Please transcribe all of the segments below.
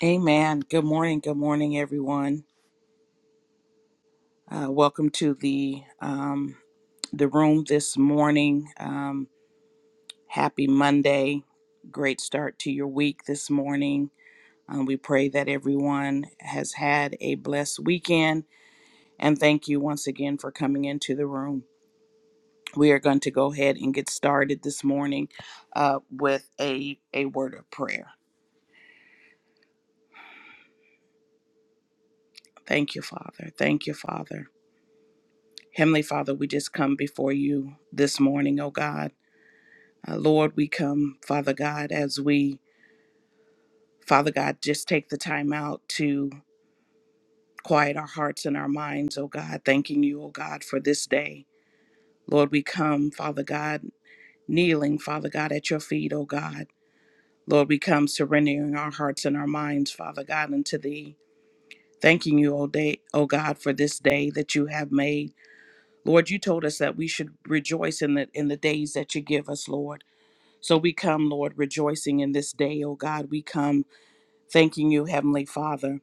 Amen. Good morning. Good morning, everyone. Uh, welcome to the um, the room this morning. Um, happy Monday. Great start to your week this morning. Um, we pray that everyone has had a blessed weekend. And thank you once again for coming into the room. We are going to go ahead and get started this morning uh, with a, a word of prayer. Thank you, Father. Thank you, Father. Heavenly Father, we just come before you this morning, oh God. Uh, Lord, we come, Father God, as we, Father God, just take the time out to quiet our hearts and our minds, oh God, thanking you, oh God, for this day. Lord, we come, Father God, kneeling, Father God, at your feet, oh God. Lord, we come surrendering our hearts and our minds, Father God, unto thee. Thanking you, O day, O God, for this day that you have made. Lord, you told us that we should rejoice in the in the days that you give us, Lord. So we come, Lord, rejoicing in this day, O God. We come Thanking you, Heavenly Father,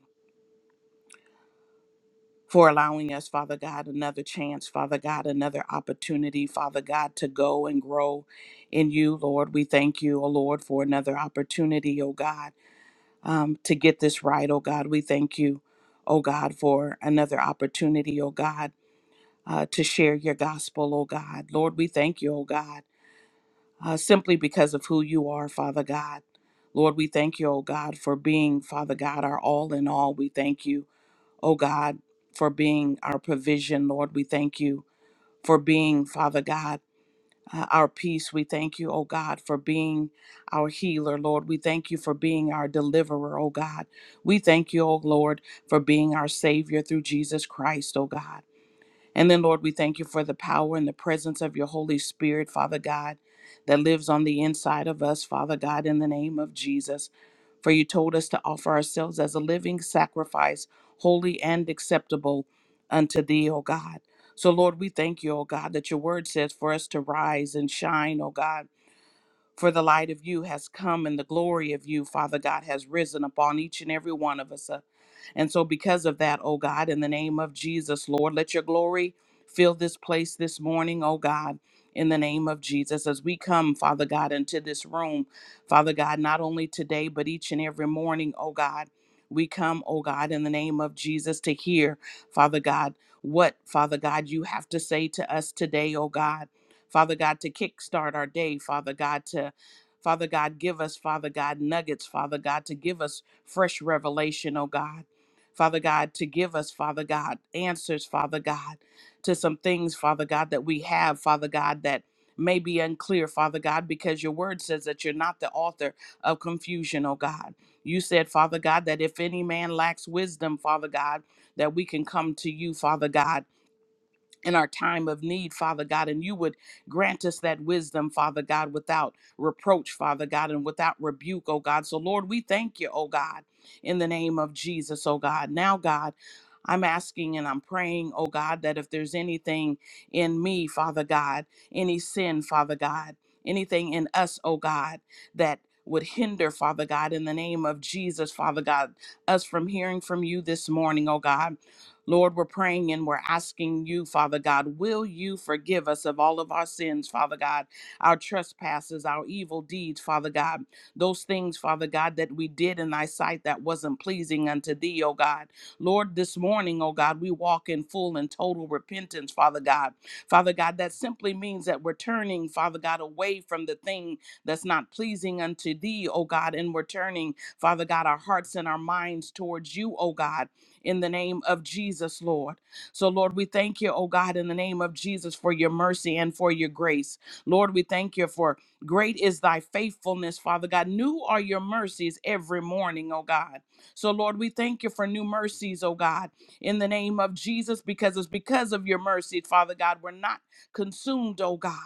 for allowing us, Father God, another chance, Father God, another opportunity, Father God, to go and grow in you, Lord. We thank you, O Lord, for another opportunity, O God, um, to get this right, O God. We thank you, O God, for another opportunity, O God, uh, to share your gospel, O God. Lord, we thank you, O God, uh, simply because of who you are, Father God. Lord, we thank you, O God, for being, Father God, our all in all. We thank you. oh God, for being our provision, Lord. We thank you for being, Father God, uh, our peace. We thank you, oh God, for being our healer, Lord. We thank you for being our deliverer, oh God. We thank you, oh Lord, for being our Savior through Jesus Christ, oh God. And then, Lord, we thank you for the power and the presence of your Holy Spirit, Father God, that lives on the inside of us, Father God, in the name of Jesus. For you told us to offer ourselves as a living sacrifice, holy and acceptable unto thee, O God. So, Lord, we thank you, O God, that your word says for us to rise and shine, O God. For the light of you has come and the glory of you, Father God, has risen upon each and every one of us. uh, and so, because of that, oh God, in the name of Jesus, Lord, let your glory fill this place this morning, oh God. In the name of Jesus, as we come, Father God, into this room, Father God, not only today, but each and every morning, oh God, we come, oh God, in the name of Jesus to hear, Father God, what, Father God, you have to say to us today, oh God. Father God, to kickstart our day, Father God, to, Father God, give us, Father God, nuggets, Father God, to give us fresh revelation, oh God. Father God, to give us, Father God, answers, Father God, to some things, Father God, that we have, Father God, that may be unclear, Father God, because your word says that you're not the author of confusion, oh God. You said, Father God, that if any man lacks wisdom, Father God, that we can come to you, Father God in our time of need, Father God, and you would grant us that wisdom, Father God, without reproach, Father God, and without rebuke, oh God. So, Lord, we thank you, oh God, in the name of Jesus, oh God. Now, God, I'm asking and I'm praying, oh God, that if there's anything in me, Father God, any sin, Father God, anything in us, oh God, that would hinder, Father God, in the name of Jesus, Father God, us from hearing from you this morning, oh God. Lord, we're praying and we're asking you, Father God, will you forgive us of all of our sins, Father God, our trespasses, our evil deeds, Father God, those things, Father God, that we did in thy sight that wasn't pleasing unto thee, O God. Lord, this morning, O God, we walk in full and total repentance, Father God. Father God, that simply means that we're turning, Father God, away from the thing that's not pleasing unto thee, O God, and we're turning, Father God, our hearts and our minds towards you, O God in the name of Jesus, Lord. So, Lord, we thank you, oh God, in the name of Jesus for your mercy and for your grace. Lord, we thank you for great is thy faithfulness, Father God. New are your mercies every morning, oh God. So, Lord, we thank you for new mercies, oh God, in the name of Jesus, because it's because of your mercy, Father God, we're not consumed, oh God.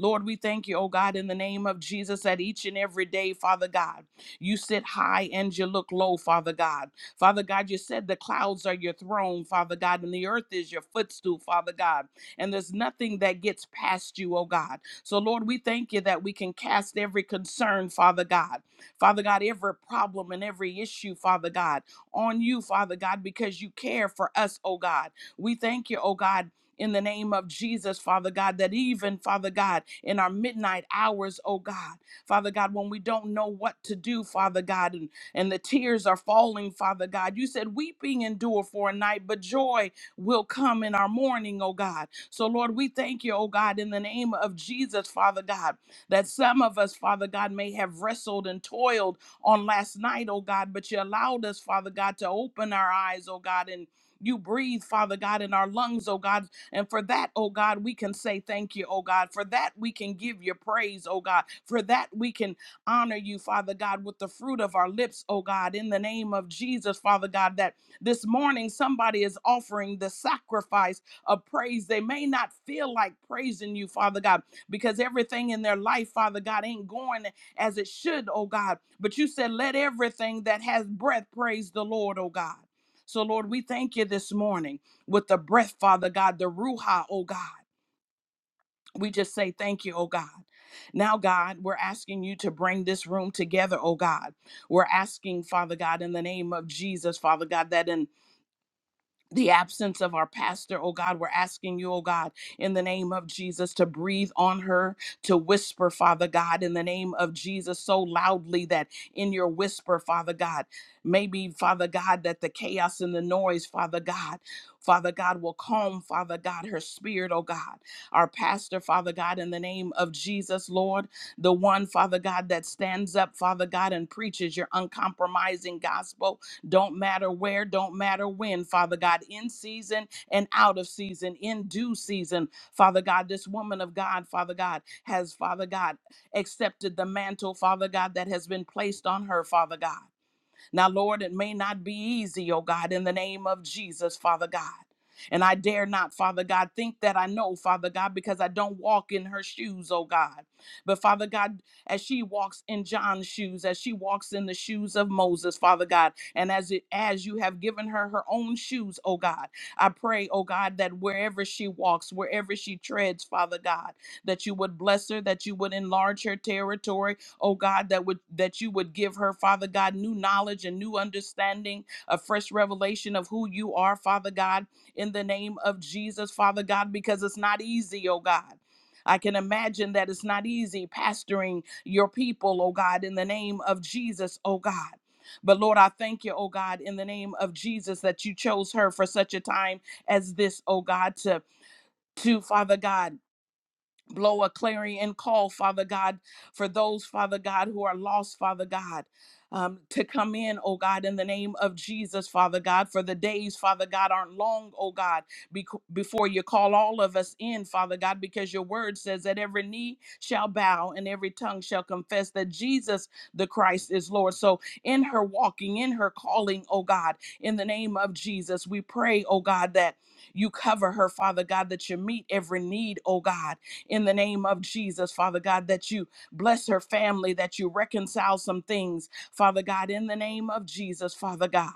Lord, we thank you, oh God, in the name of Jesus, that each and every day, Father God, you sit high and you look low, Father God. Father God, you said the clouds are your throne, Father God, and the earth is your footstool, Father God. And there's nothing that gets past you, oh God. So, Lord, we thank you that we can cast every concern, Father God. Father God, every problem and every issue, Father God, on you, Father God, because you care for us, oh God. We thank you, oh God. In the name of Jesus, Father God, that even, Father God, in our midnight hours, oh God, Father God, when we don't know what to do, Father God, and and the tears are falling, Father God. You said, Weeping endure for a night, but joy will come in our morning, oh God. So, Lord, we thank you, oh God, in the name of Jesus, Father God, that some of us, Father God, may have wrestled and toiled on last night, oh God, but you allowed us, Father God, to open our eyes, oh God, and you breathe, Father God, in our lungs, oh God. And for that, oh God, we can say thank you, oh God. For that, we can give you praise, oh God. For that, we can honor you, Father God, with the fruit of our lips, oh God, in the name of Jesus, Father God, that this morning somebody is offering the sacrifice of praise. They may not feel like praising you, Father God, because everything in their life, Father God, ain't going as it should, oh God. But you said, let everything that has breath praise the Lord, oh God. So, Lord, we thank you this morning with the breath, Father God, the Ruha, oh God. We just say thank you, oh God. Now, God, we're asking you to bring this room together, oh God. We're asking, Father God, in the name of Jesus, Father God, that in the absence of our pastor, oh God, we're asking you, oh God, in the name of Jesus, to breathe on her, to whisper, Father God, in the name of Jesus, so loudly that in your whisper, Father God, maybe, Father God, that the chaos and the noise, Father God, Father God, will calm, Father God, her spirit, oh God. Our pastor, Father God, in the name of Jesus, Lord, the one, Father God, that stands up, Father God, and preaches your uncompromising gospel, don't matter where, don't matter when, Father God, in season and out of season, in due season, Father God. This woman of God, Father God, has, Father God, accepted the mantle, Father God, that has been placed on her, Father God. Now, Lord, it may not be easy, oh God, in the name of Jesus, Father God. And I dare not, Father God, think that I know, Father God, because I don't walk in her shoes, oh God. But Father God, as she walks in John's shoes, as she walks in the shoes of Moses, Father God, and as it, as you have given her her own shoes, oh God, I pray, oh God, that wherever she walks, wherever she treads, Father God, that you would bless her, that you would enlarge her territory, oh God, that would that you would give her, Father God, new knowledge and new understanding, a fresh revelation of who you are, Father God, in the name of Jesus, Father God, because it's not easy, oh God. I can imagine that it's not easy pastoring your people, oh God, in the name of Jesus, oh God. But Lord, I thank you, oh God, in the name of Jesus, that you chose her for such a time as this, oh God, to to Father God blow a clarion call, Father God, for those, Father God, who are lost, Father God. Um, to come in, oh God, in the name of Jesus, Father God, for the days, Father God, aren't long, oh God, bec- before you call all of us in, Father God, because your word says that every knee shall bow and every tongue shall confess that Jesus the Christ is Lord. So in her walking, in her calling, oh God, in the name of Jesus, we pray, oh God, that you cover her, Father God, that you meet every need, oh God in the name of Jesus, Father God, that you bless her family, that you reconcile some things, Father God, in the name of Jesus, Father God.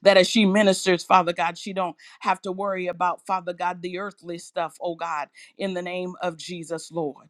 That as she ministers, Father God, she don't have to worry about, Father God, the earthly stuff, oh God, in the name of Jesus, Lord.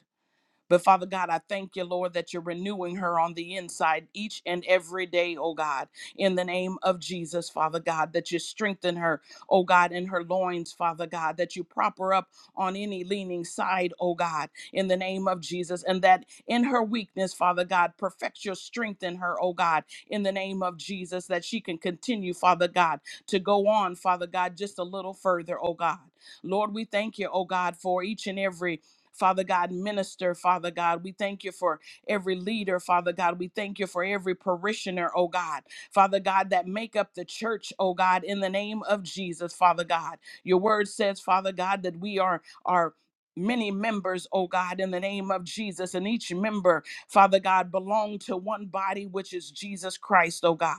But Father God, I thank you, Lord, that you're renewing her on the inside each and every day, oh God, in the name of Jesus, Father God, that you strengthen her, oh God, in her loins, Father God, that you prop her up on any leaning side, oh God, in the name of Jesus, and that in her weakness, Father God, perfect your strength in her, oh God, in the name of Jesus, that she can continue, Father God, to go on, Father God, just a little further, oh God. Lord, we thank you, oh God, for each and every Father God, minister, Father God. We thank you for every leader, Father God. We thank you for every parishioner, oh God. Father God, that make up the church, oh God, in the name of Jesus, Father God. Your word says, Father God, that we are are many members, oh God, in the name of Jesus. And each member, Father God, belong to one body, which is Jesus Christ, oh God.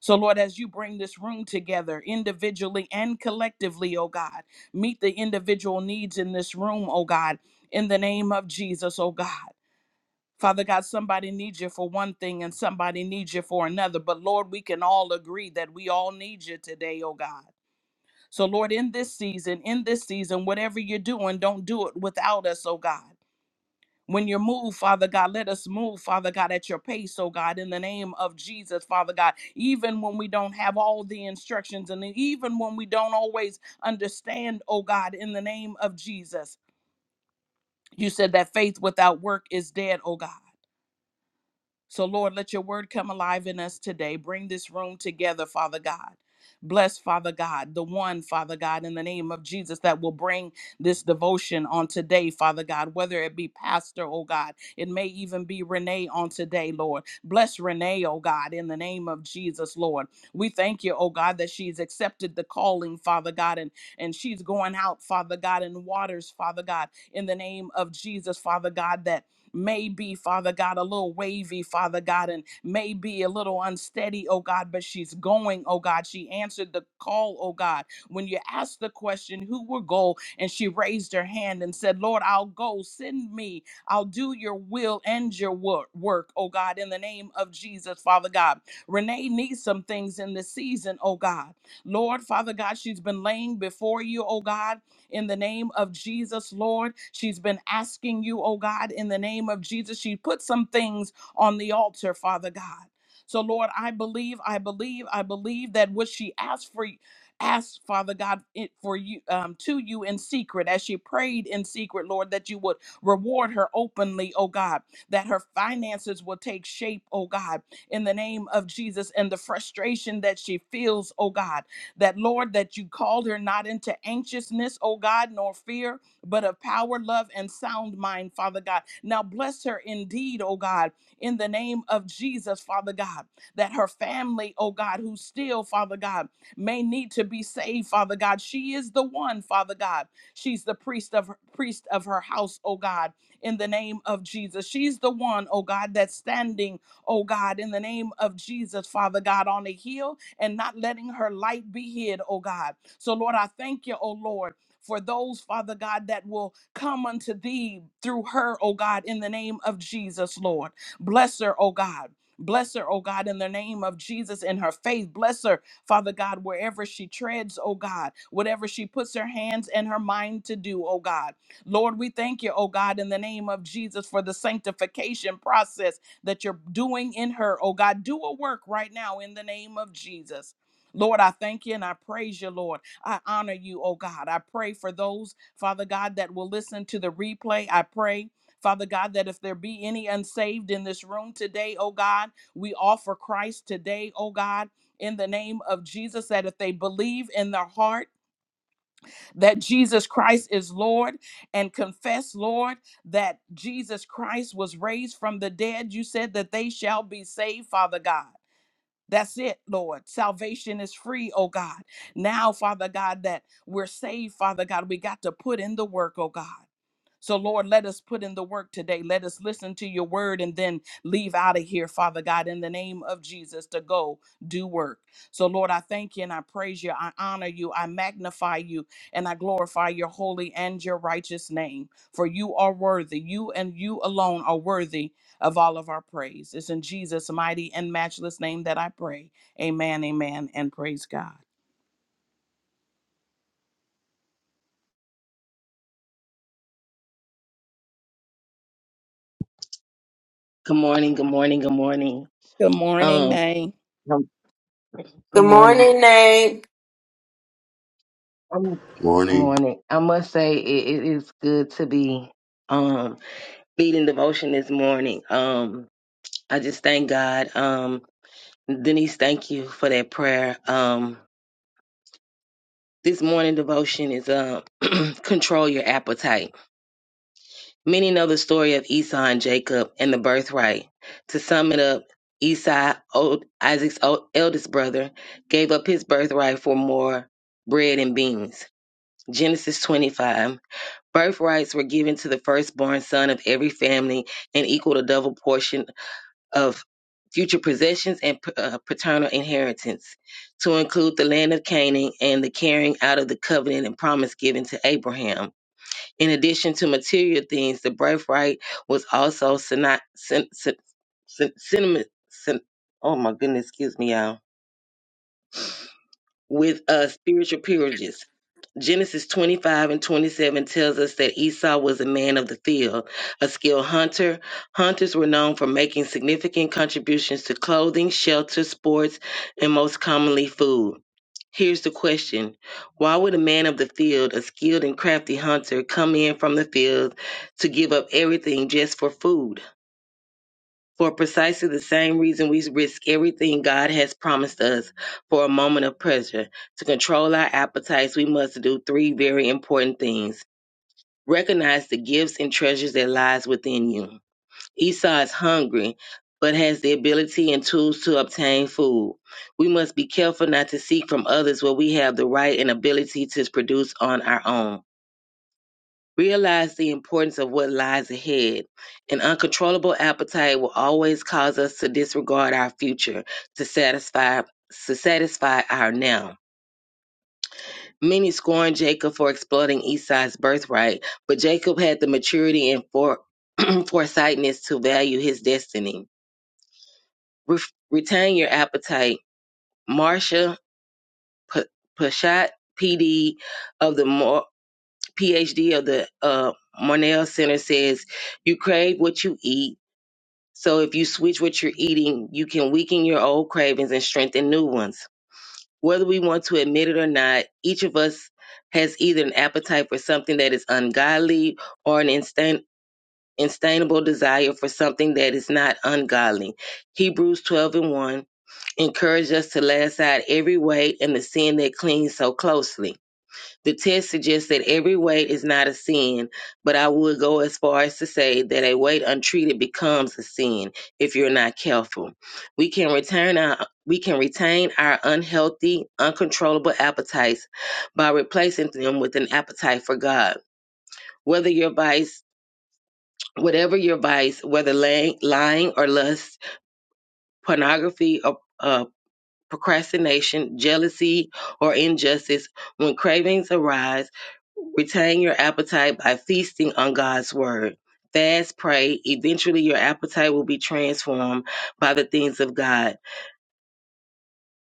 So, Lord, as you bring this room together individually and collectively, oh God, meet the individual needs in this room, oh God in the name of Jesus, oh God. Father God, somebody needs you for one thing and somebody needs you for another. But Lord, we can all agree that we all need you today, oh God. So, Lord, in this season, in this season, whatever you're doing, don't do it without us, oh God. When you move, Father God, let us move, Father God, at your pace, oh God, in the name of Jesus, Father God. Even when we don't have all the instructions and even when we don't always understand, oh God, in the name of Jesus. You said that faith without work is dead, oh God. So, Lord, let your word come alive in us today. Bring this room together, Father God. Bless, Father God, the one, Father God, in the name of Jesus that will bring this devotion on today, Father God, whether it be Pastor, oh God, it may even be Renee on today, Lord. Bless Renee, oh God, in the name of Jesus, Lord. We thank you, oh God, that she's accepted the calling, Father God, and, and she's going out, Father God, in waters, Father God, in the name of Jesus, Father God, that may be, Father God, a little wavy, Father God, and may be a little unsteady, oh God, but she's going, oh God. She answered the call, oh God. When you asked the question, who will go? And she raised her hand and said, Lord, I'll go. Send me. I'll do your will and your wor- work, oh God, in the name of Jesus, Father God. Renee needs some things in this season, oh God. Lord, Father God, she's been laying before you, oh God in the name of Jesus, Lord. She's been asking you, oh God, in the name of Jesus. She put some things on the altar, Father God. So, Lord, I believe, I believe, I believe that what she asked for, asked Father God it for you um, to you in secret, as she prayed in secret, Lord, that you would reward her openly, oh God, that her finances will take shape, oh God, in the name of Jesus, and the frustration that she feels, oh God that Lord, that you called her not into anxiousness, oh God, nor fear, but of power, love, and sound mind, Father God. Now bless her indeed, oh God, in the name of Jesus, Father God, that her family, oh God, who still, Father God, may need to be saved, Father God. She is the one, Father God. She's the priest of her, priest of her house, oh God, in the name of Jesus. She's the one, oh God, that's standing, oh God, in the name of Jesus, Father God, on a hill and not letting her light be hid, oh God. So, Lord, I thank you, oh Lord, for those, Father God, that will come unto thee through her, oh God, in the name of Jesus, Lord. Bless her, oh God. Bless her, oh God, in the name of Jesus in her faith. Bless her, Father God, wherever she treads, oh God, whatever she puts her hands and her mind to do, oh God. Lord, we thank you, oh God, in the name of Jesus for the sanctification process that you're doing in her. Oh God, do a work right now in the name of Jesus. Lord, I thank you and I praise you, Lord. I honor you, oh God. I pray for those, Father God, that will listen to the replay. I pray, Father God, that if there be any unsaved in this room today, oh God, we offer Christ today, oh God, in the name of Jesus, that if they believe in their heart, that Jesus Christ is Lord and confess, Lord, that Jesus Christ was raised from the dead. You said that they shall be saved, Father God. That's it, Lord. Salvation is free, oh God. Now, Father God, that we're saved, Father God, we got to put in the work, oh God. So, Lord, let us put in the work today. Let us listen to your word and then leave out of here, Father God, in the name of Jesus, to go do work. So, Lord, I thank you and I praise you. I honor you. I magnify you and I glorify your holy and your righteous name. For you are worthy. You and you alone are worthy of all of our praise. It's in Jesus' mighty and matchless name that I pray. Amen, amen, and praise God. Good morning, good morning, good morning. Good morning, Um, Nay. um, good Good morning. morning, Nate. Um, Good Morning. morning. I must say it, it is good to be um leading devotion this morning. Um, I just thank God. Um, Denise, thank you for that prayer. Um, this morning devotion is um control your appetite. Many know the story of Esau and Jacob and the birthright. To sum it up, Esau, old, Isaac's old, eldest brother, gave up his birthright for more bread and beans. Genesis 25. Birthrights were given to the firstborn son of every family and equaled a double portion of future possessions and uh, paternal inheritance, to include the land of Canaan and the carrying out of the covenant and promise given to Abraham. In addition to material things, the birthright was also syno- syn- syn- syn- synony- syn- oh my goodness, excuse me, y'all. With uh, spiritual peerages. Genesis 25 and 27 tells us that Esau was a man of the field, a skilled hunter. Hunters were known for making significant contributions to clothing, shelter, sports, and most commonly food. Here's the question Why would a man of the field, a skilled and crafty hunter, come in from the field to give up everything just for food? For precisely the same reason we risk everything God has promised us for a moment of pleasure. To control our appetites, we must do three very important things. Recognize the gifts and treasures that lies within you Esau is hungry, but has the ability and tools to obtain food. We must be careful not to seek from others what we have the right and ability to produce on our own. Realize the importance of what lies ahead. An uncontrollable appetite will always cause us to disregard our future to satisfy to satisfy our now. Many scorned Jacob for exploiting Esau's birthright, but Jacob had the maturity and for, foresightness to value his destiny. Re- retain your appetite. Marsha P- Pashat, PD of the Mor- PhD of the uh, Mornell Center says, you crave what you eat. So if you switch what you're eating, you can weaken your old cravings and strengthen new ones. Whether we want to admit it or not, each of us has either an appetite for something that is ungodly or an instan- Instainable desire for something that is not ungodly. Hebrews 12 and 1 encourage us to lay aside every weight and the sin that clings so closely. The test suggests that every weight is not a sin, but I would go as far as to say that a weight untreated becomes a sin if you're not careful. We can return our we can retain our unhealthy, uncontrollable appetites by replacing them with an appetite for God. Whether your vice, whatever your vice, whether lying, lying or lust, pornography or uh, procrastination, jealousy, or injustice, when cravings arise, retain your appetite by feasting on God's word. Fast, pray. Eventually, your appetite will be transformed by the things of God.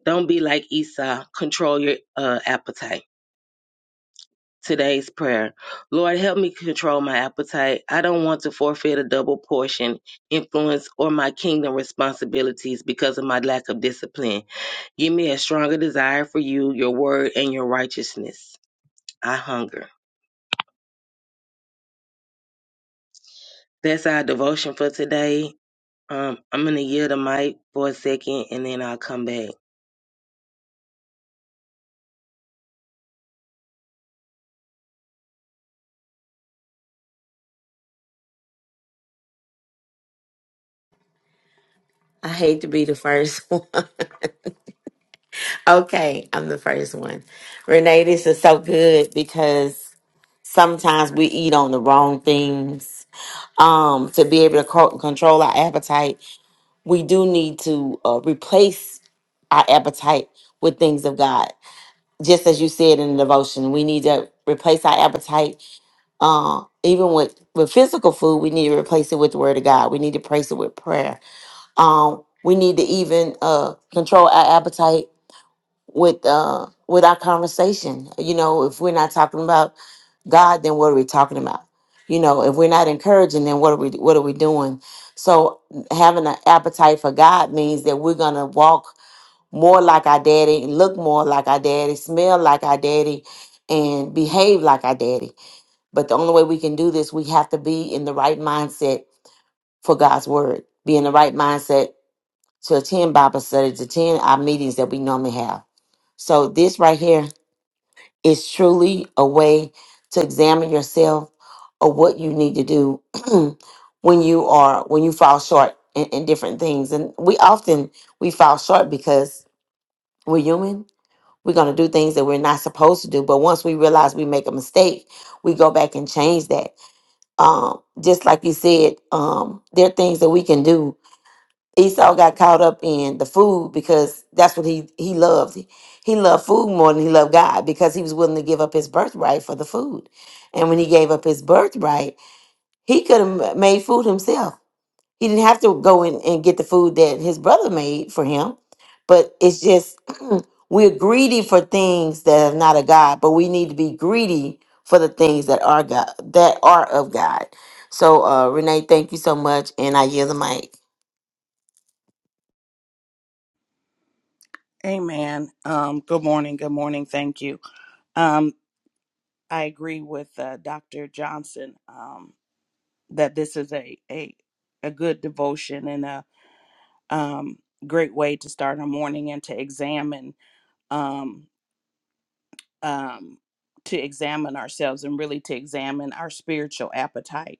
Don't be like Esau. Control your uh, appetite today's prayer. Lord, help me control my appetite. I don't want to forfeit a double portion, influence, or my kingdom responsibilities because of my lack of discipline. Give me a stronger desire for you, your word, and your righteousness. I hunger. That's our devotion for today. Um, I'm going to yield the mic for a second and then I'll come back. I hate to be the first one. okay, I'm the first one. Renee, this is so good because sometimes we eat on the wrong things. Um, to be able to co- control our appetite, we do need to uh, replace our appetite with things of God. Just as you said in the devotion, we need to replace our appetite. Uh, even with with physical food, we need to replace it with the Word of God. We need to replace it with prayer Um, we need to even uh, control our appetite with uh, with our conversation. You know, if we're not talking about God, then what are we talking about? You know, if we're not encouraging, then what are we what are we doing? So having an appetite for God means that we're gonna walk more like our daddy, look more like our daddy, smell like our daddy, and behave like our daddy. But the only way we can do this, we have to be in the right mindset for God's word. Be in the right mindset to attend Bible study, to attend our meetings that we normally have. So this right here is truly a way to examine yourself or what you need to do when you are when you fall short in, in different things. And we often we fall short because we're human. We're gonna do things that we're not supposed to do. But once we realize we make a mistake, we go back and change that. Um, just like you said, um, there are things that we can do Esau got caught up in the food because that's what he he loved. He, he loved food more than he loved God because he was willing to give up his birthright for the food. And when he gave up his birthright, he could have made food himself. He didn't have to go in and get the food that his brother made for him. But it's just we're greedy for things that are not of God, but we need to be greedy for the things that are God that are of God. So uh Renee, thank you so much, and I yield the mic. Amen. Um, good morning. Good morning. Thank you. Um. I agree with uh, Dr. Johnson um, that this is a, a a good devotion and a um, great way to start our morning and to examine um, um, to examine ourselves and really to examine our spiritual appetite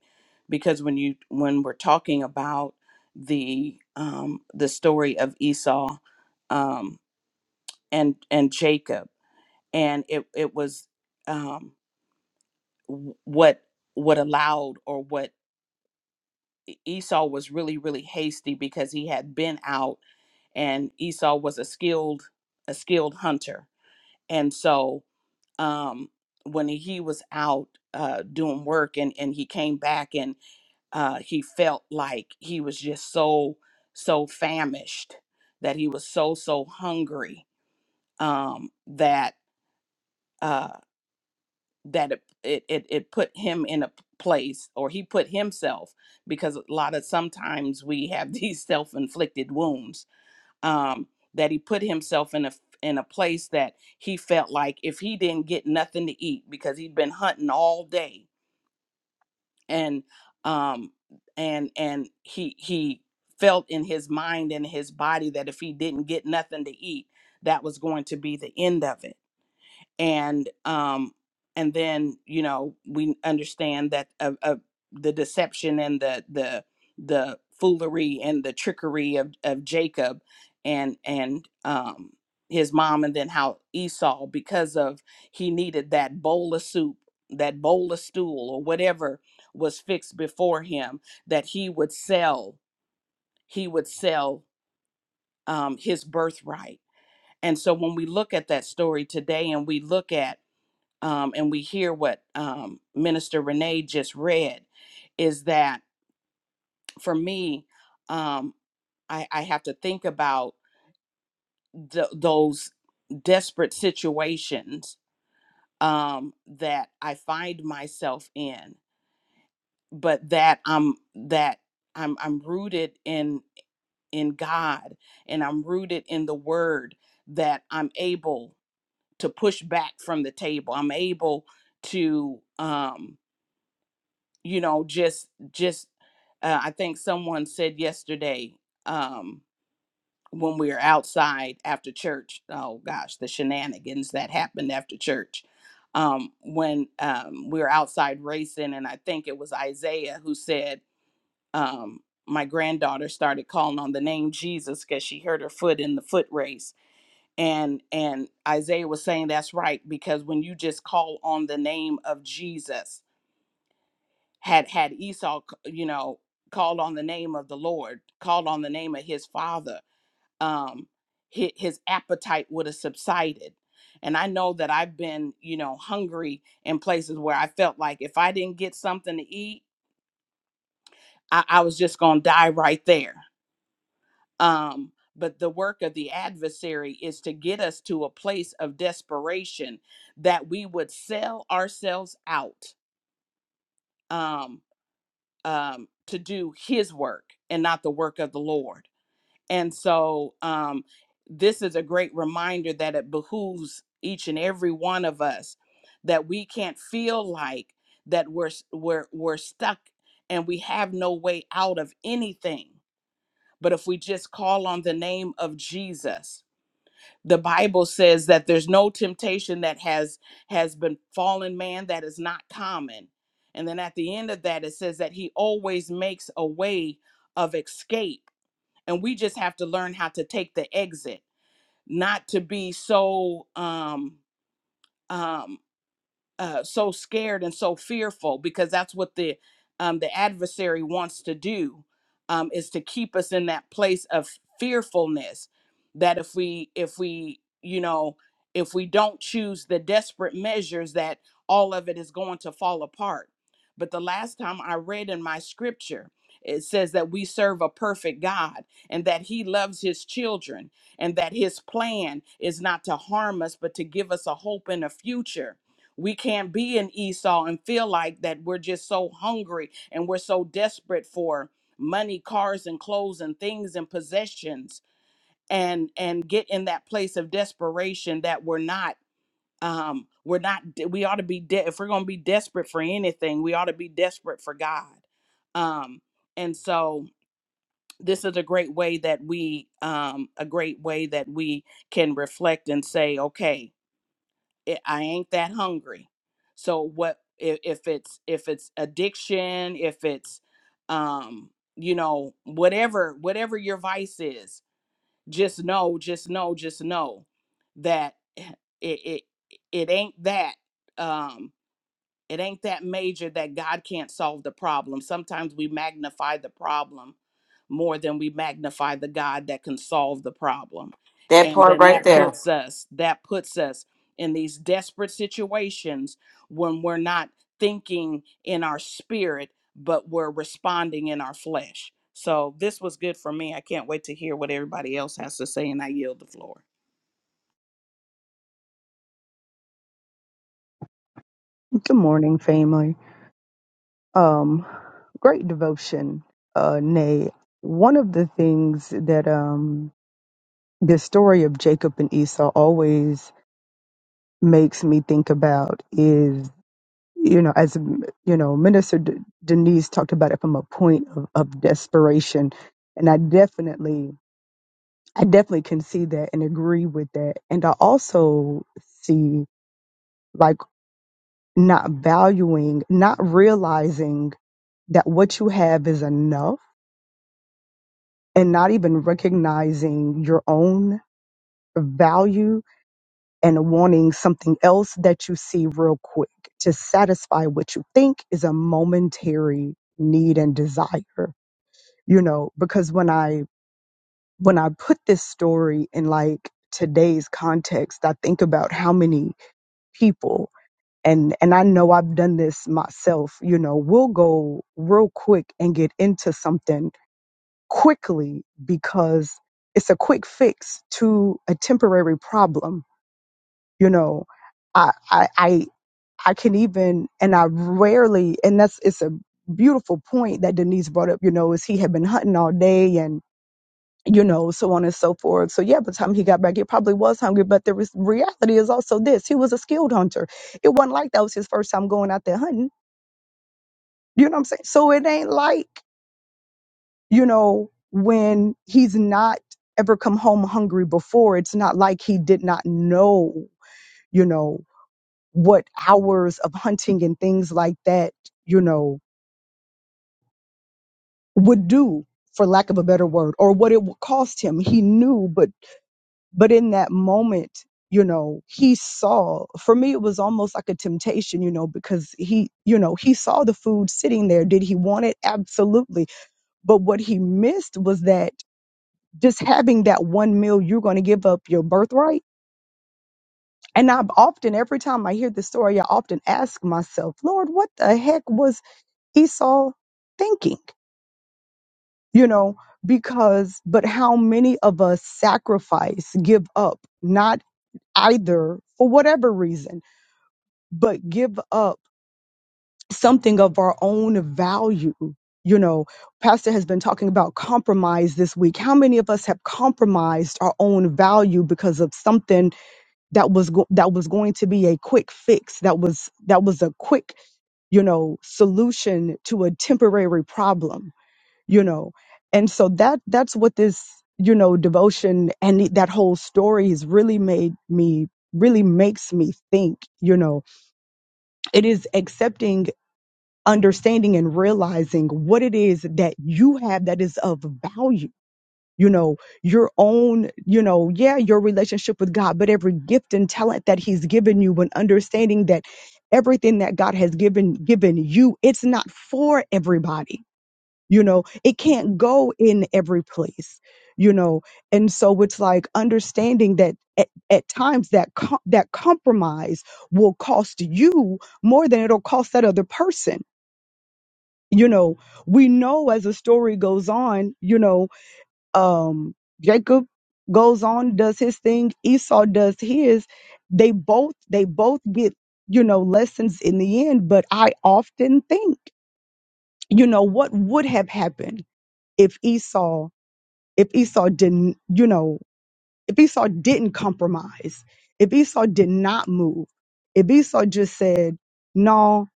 because when you when we're talking about the um, the story of Esau um, and and Jacob and it it was um, w- what what allowed or what E- Esau was really, really hasty because he had been out and Esau was a skilled, a skilled hunter. And so um, when he was out uh, doing work and, and he came back and uh, he felt like he was just so, so famished that he was so, so hungry um, that uh, that it, it it it put him in a place or he put himself because a lot of sometimes we have these self-inflicted wounds um that he put himself in a in a place that he felt like if he didn't get nothing to eat because he'd been hunting all day and um and and he he felt in his mind and his body that if he didn't get nothing to eat that was going to be the end of it and um and then you know we understand that uh, uh, the deception and the the the foolery and the trickery of of Jacob and and um his mom and then how Esau because of he needed that bowl of soup that bowl of stool or whatever was fixed before him that he would sell he would sell um his birthright and so when we look at that story today and we look at um, and we hear what um, Minister Renee just read, is that for me, um, I, I have to think about th- those desperate situations um, that I find myself in, but that I'm that I'm I'm rooted in in God and I'm rooted in the Word that I'm able to push back from the table. I'm able to. Um, you know just just uh, i think someone said yesterday um when we were outside after church oh gosh the shenanigans that happened after church um when um we were outside racing and i think it was isaiah who said um my granddaughter started calling on the name jesus because she hurt her foot in the foot race and and isaiah was saying that's right because when you just call on the name of jesus had had Esau, c- you know, called on the name of the Lord, called on the name of his father, um, his, his appetite would have subsided. And I know that I've been, you know, hungry in places where I felt like if I didn't get something to eat, I, I was just going to die right there. Um, but the work of the adversary is to get us to a place of desperation that we would sell ourselves out. Um. um, to do his work and not the work of the Lord. And so um, this is a great reminder that it behooves each and every one of us that we can't feel like that we're s- we're we're stuck and we have no way out of anything. But if we just call on the name of Jesus, the bible says that there's no temptation that has has been fallen man that is not common and then at the end of that it says that he always makes a way of escape and we just have to learn how to take the exit not to be so um um uh, so scared and so fearful because that's what the um, the adversary wants to do um, is to keep us in that place of fearfulness that if we if we you know if we don't choose the desperate measures that all of it is going to fall apart but the last time i read in my scripture it says that we serve a perfect god and that he loves his children and that his plan is not to harm us but to give us a hope and a future we can't be an Esau and feel like that we're just so hungry and we're so desperate for money, cars and clothes and things and possessions and and get in that place of desperation that we're not um we're not de- we ought to be de- if we're going to be desperate for anything, we ought to be desperate for God. Um and so this is a great way that we um a great way that we can reflect and say, okay, it, I ain't that hungry. So what if, if it's if it's addiction, if it's um you know whatever whatever your vice is, just know, just know, just know that eh, it it it ain't that. Um it ain't that major that God can't solve the problem. Sometimes we magnify the problem more than we magnify the God that can solve the problem. That And part then right that there. puts us that puts us in these desperate situations when we're not thinking in our spirit but we're responding in our flesh. So this was good for me. I can't wait to hear what everybody else has to say and I yield the floor. Good morning, family. Um, great devotion, uh, Nay. One of the things that um, the story of Jacob and Esau always makes me think about is, you know, as you know, Minister D- Denise talked about it from a point of, of desperation, and I definitely, I definitely can see that and agree with that. And I also see like not valuing, not realizing that what you have is enough and not even recognizing your own value and wanting something else that you see real quick to satisfy what you think is a momentary need and desire you know because when i when i put this story in like today's context i think about how many people and and I know I've done this myself you know we'll go real quick and get into something quickly because it's a quick fix to a temporary problem. You know, I, I, I, I can even, and I rarely, and that's, it's a beautiful point that Denise brought up, you know, is he had been hunting all day and, you know, so on and so forth. So yeah, by the time he got back, he probably was hungry, but the res- reality is also this, he was a skilled hunter. It wasn't like that was his first time going out there hunting. You know what I'm saying? So it ain't like you know, when he's not ever come home hungry before, it's not like he did not know, you know, what hours of hunting and things like that, you know, would do for lack of a better word or what it would cost him. He knew, but but in that moment, you know, he saw for me it was almost like a temptation, you know, because he, you know, he saw the food sitting there. Did he want it? Absolutely. But what he missed was that just having that one meal, you're going to give up your birthright. And I've often, every time I hear this story, I often ask myself, Lord, what the heck was Esau thinking? You know, because, but how many of us sacrifice, give up, not either for whatever reason, but give up something of our own value? You know, Pastor has been talking about compromise this week. How many of us have compromised our own value because of something? that was go- that was going to be a quick fix that was that was a quick you know solution to a temporary problem you know and so that that's what this you know devotion and it- that whole story has really made me really makes me think you know it is accepting understanding and realizing what it is that you have that is of value you know, your own, you know, yeah, your relationship with God, but every gift and talent that he's given you and understanding that everything that God has given given you, it's not for everybody. You know, it can't go in every place, you know. And so it's like understanding that at, at times that com- that compromise will cost you more than it'll cost that other person. You know, we know as the story goes on, you know, um Jacob goes on does his thing Esau does his they both they both get you know lessons in the end but I often think you know what would have happened if Esau if Esau didn't you know if Esau didn't compromise, if Esau did not move, if Esau just said, no,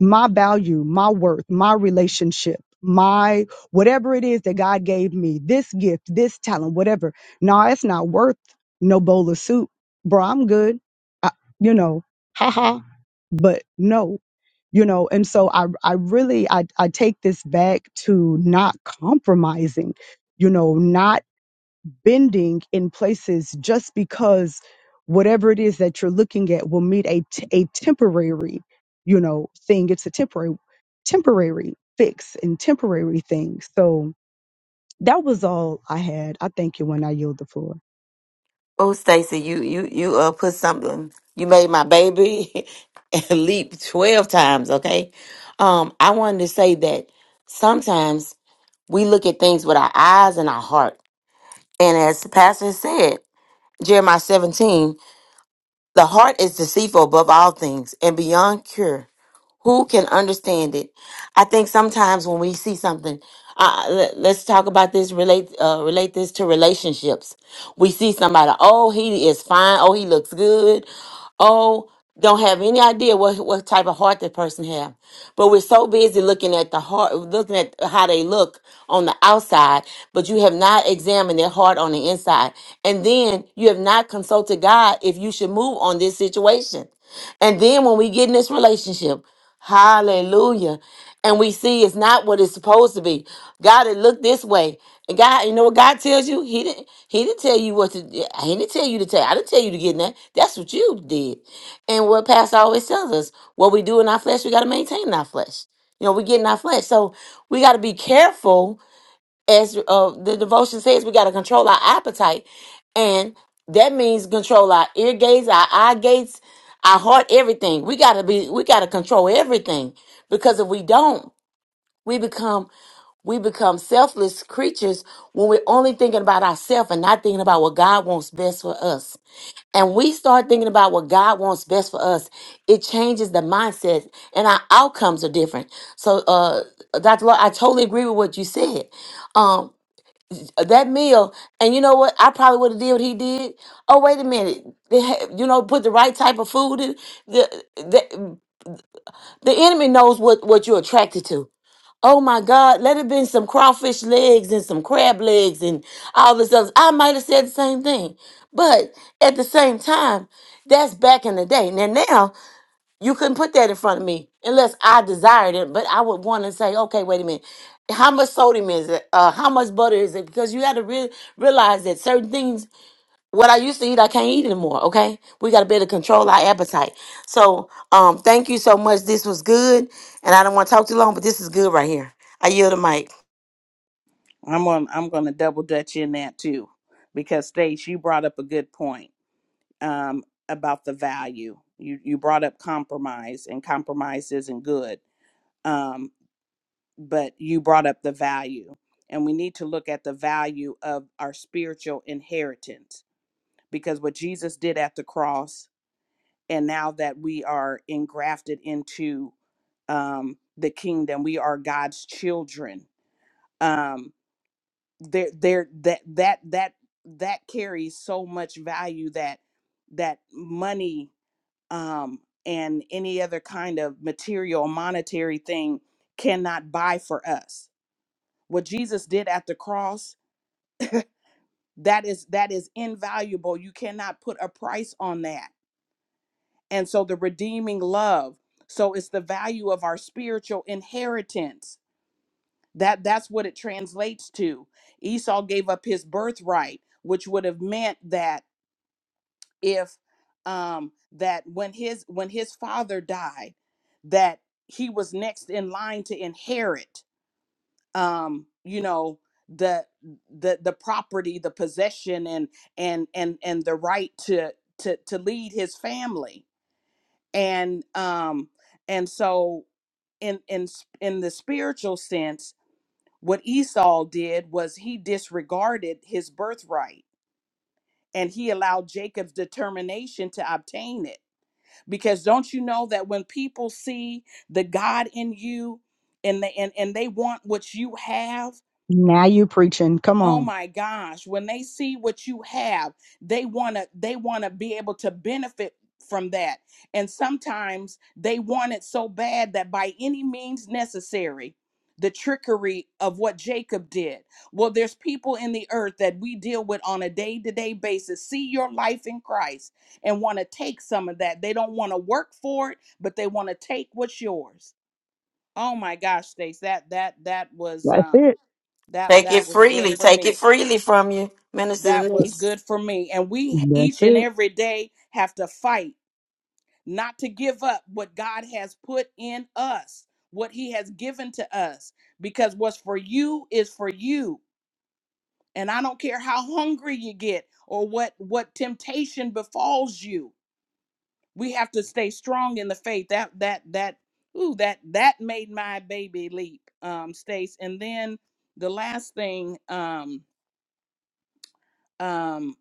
my value, my worth, my relationship, my whatever it is that God gave me, this gift, this talent, whatever, no, it's not worth no bowl of soup. Bro, I'm good. I, you know, haha. But no, you know, and so I, I really, I, I take this back to not compromising, you know, not bending in places just because whatever it is that you're looking at will meet a, t- a temporary, you know, thing. It's a temporary, temporary fix and temporary thing. So that was all I had. I thank you when I yield the floor. Oh, Stacy, you you you uh put something. You made my baby leap twelve times. Okay, um, I wanted to say that sometimes we look at things with our eyes and our heart, and as the pastor said, Jeremiah seventeen, the heart is deceitful above all things and beyond cure. Who can understand it? I think sometimes when we see something, uh, let, let's talk about this. Relate, uh, relate this to relationships. We see somebody. Oh, he is fine. Oh, he looks good. Oh, don't have any idea what what type of heart that person have. But we're so busy looking at the heart, looking at how they look on the outside, but you have not examined their heart on the inside, and then you have not consulted God if you should move on this situation. And then when we get in this relationship, hallelujah, and we see it's not what it's supposed to be. God, it looked this way. And God, you know what God tells you? He didn't He didn't tell you what to He didn't tell you to take. I didn't tell you to get in that. That's what you did. And what Pastor always tells us, what we do in our flesh, we gotta maintain in our flesh. You know, we get in our flesh. So we gotta be careful as uh, the devotion says, we got to control our appetite. And that means control our ear gates, our eye gates, our heart, everything. We got to be, we got to control everything because if we don't, we become, we become selfless creatures when we're only thinking about ourselves and not thinking about what God wants best for us. And we start thinking about what God wants best for us. It changes the mindset and our outcomes are different. So, uh, Dr. Lord, I totally agree with what you said. Um, that meal. And you know what? I probably would have did what he did. Oh, wait a minute. They ha- you know, put the right type of food in. The, the, the enemy knows what, what you're attracted to. Oh my God, let it been some crawfish legs and some crab legs and all this other. I might have said the same thing. But at the same time, that's back in the day. Now, now you couldn't put that in front of me unless I desired it, but I would want to say, okay, wait a minute. How much sodium is it? Uh, how much butter is it? Because you got to re- realize that certain things, what I used to eat, I can't eat anymore. Okay, we got to be able to control our appetite. So, um, thank you so much. This was good, and I don't want to talk too long, but this is good right here. I yield the mic. I'm on I'm going to double dutch in that too because Stace you brought up a good point um, about the value. You you brought up compromise, and compromise isn't good. Um, but you brought up the value, and we need to look at the value of our spiritual inheritance because what Jesus did at the cross, and now that we are engrafted into um, the kingdom, we are God's children. Um, there, there, that that that that carries so much value that that money um, and any other kind of material or monetary thing cannot buy for us what jesus did at the cross that is that is invaluable you cannot put a price on that and so the redeeming love so it's the value of our spiritual inheritance that that's what it translates to esau gave up his birthright which would have meant that if um that when his when his father died that he was next in line to inherit um you know the the the property the possession and and and and the right to to to lead his family and um and so in in s- in the spiritual sense what Esau did was he disregarded his birthright and he allowed Jacob's determination to obtain it because don't you know that when people see the God in you and they and, and they want what you have Now you preaching. Come Oh on. my gosh, when they see what you have, they want to they want to be able to benefit from that. And sometimes they want it so bad that by any means necessary, the trickery of what Jacob did. Well, there's people in the earth that we deal with on a day-to-day basis see your life in Christ and want to take some of that. They don't want to work for it, but they want to take what's yours. Oh my gosh, Stace, that that that was That's um it. that Take it that was good freely. for Take me. it freely from you, Minister That was Denise. good for me. And we That's each and it. every day have to fight not to give up what God has put in us, what He has given to us, because what's for you is for you. And I don't care how hungry you get or what what temptation befalls you. We have to stay strong in the faith. That that that ooh that that made my baby leap, um, Stace. And then the last thing, um, um,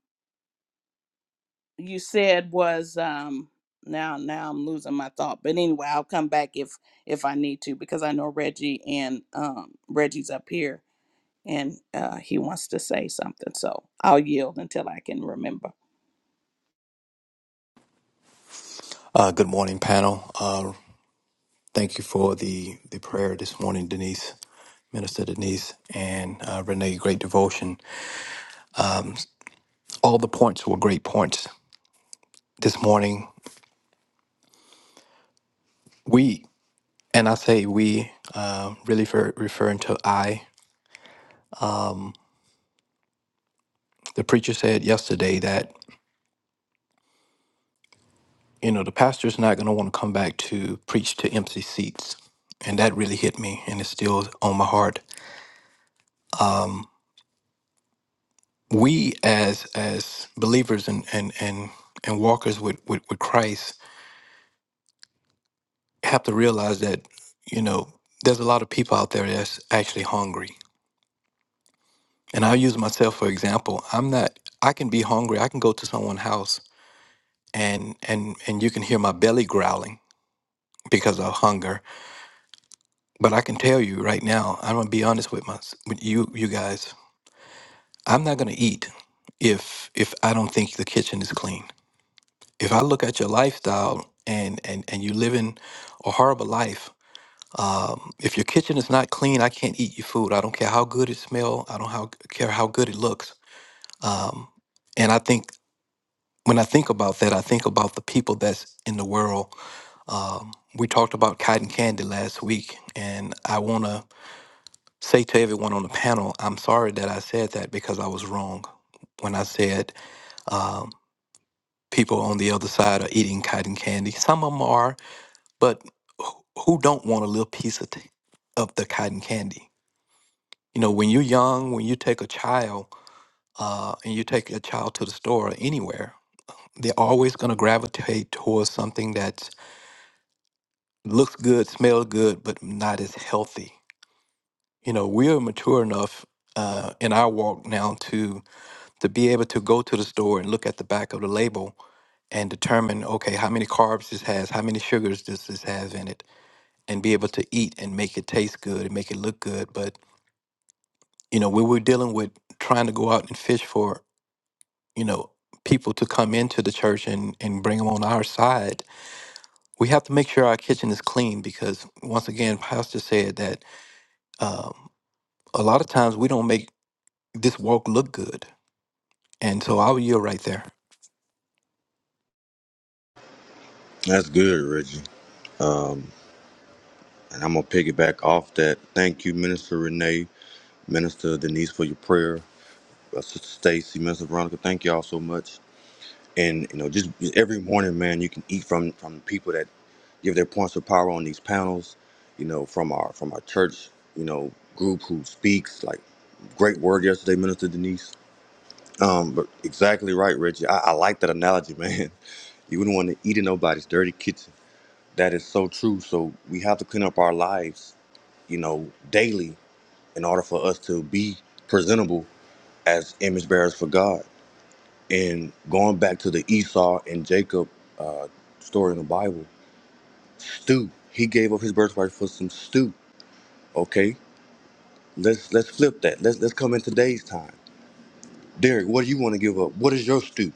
you said was um now now I'm losing my thought. But anyway, I'll come back if if I need to because I know Reggie and um Reggie's up here and uh he wants to say something. So I'll yield until I can remember. Uh, good morning, panel. Uh, thank you for the, the prayer this morning, Denise, Minister Denise, and uh, Renee. Great devotion. All the points were great points this morning. We, and I say we, uh, really for referring to I. The preacher said yesterday that, you know, the pastor's not going to want to come back to preach to empty seats. And that really hit me, and it's still on my heart. Um, we, as as believers and, and, and, and walkers with, with, with Christ, have to realize that you know there's a lot of people out there that's actually hungry and i'll use myself for example i'm not i can be hungry i can go to someone's house and and and you can hear my belly growling because of hunger but i can tell you right now i'm gonna be honest with my with you you guys i'm not gonna eat if if i don't think the kitchen is clean if i look at your lifestyle and and and you living a horrible life Um, if your kitchen is not clean, I can't eat your food. I don't care how good it smells. I don't how, care how good it looks. Um, and I think when I think about that, I think about the people that's in the world. Um, we talked about cotton candy last week, and I want to say to everyone on the panel, I'm sorry that I said that because I was wrong when I said um, people on the other side are eating cotton candy. Some of them are, but who who don't want a little piece of, t- of the cotton candy? You know, when you're young, when you take a child uh, and you take a child to the store or anywhere, they're always going to gravitate towards something that looks good, smells good, but not as healthy. You know, we're mature enough uh, in our walk now to to be able to go to the store and look at the back of the label and determine, okay, how many carbs this has, how many sugars this this has in it, and be able to eat and make it taste good and make it look good. But you know, we were dealing with trying to go out and fish for you know people to come into the church and and bring them on our side we have to make sure our kitchen is clean because once again pastor said that um, a lot of times we don't make this walk look good and so i'll yield right there That's good, Reggie. And I'm going to piggyback off that. Thank you, Minister Renee, Minister Denise, for your prayer. Uh, Sister Stacy, Minister Veronica, thank y'all so much. And, you know, just just every morning, man, you can eat from from people that give their points of power on these panels, you know, from our from our church, you know, group who speaks. Like, great word yesterday, Minister Denise. Um, But exactly right, Reggie. I, I like that analogy, man. You wouldn't want to eat in nobody's dirty kitchen. That is so true. So we have to clean up our lives you know, daily in order for us to be presentable as image bearers for God. And going back to the Esau and Jacob uh, story in the Bible, stew. He gave up his birthright for some stew. Okay, let's let's flip that. Let's let's come in today's time. Derek, what do you want to give up? What is your stew?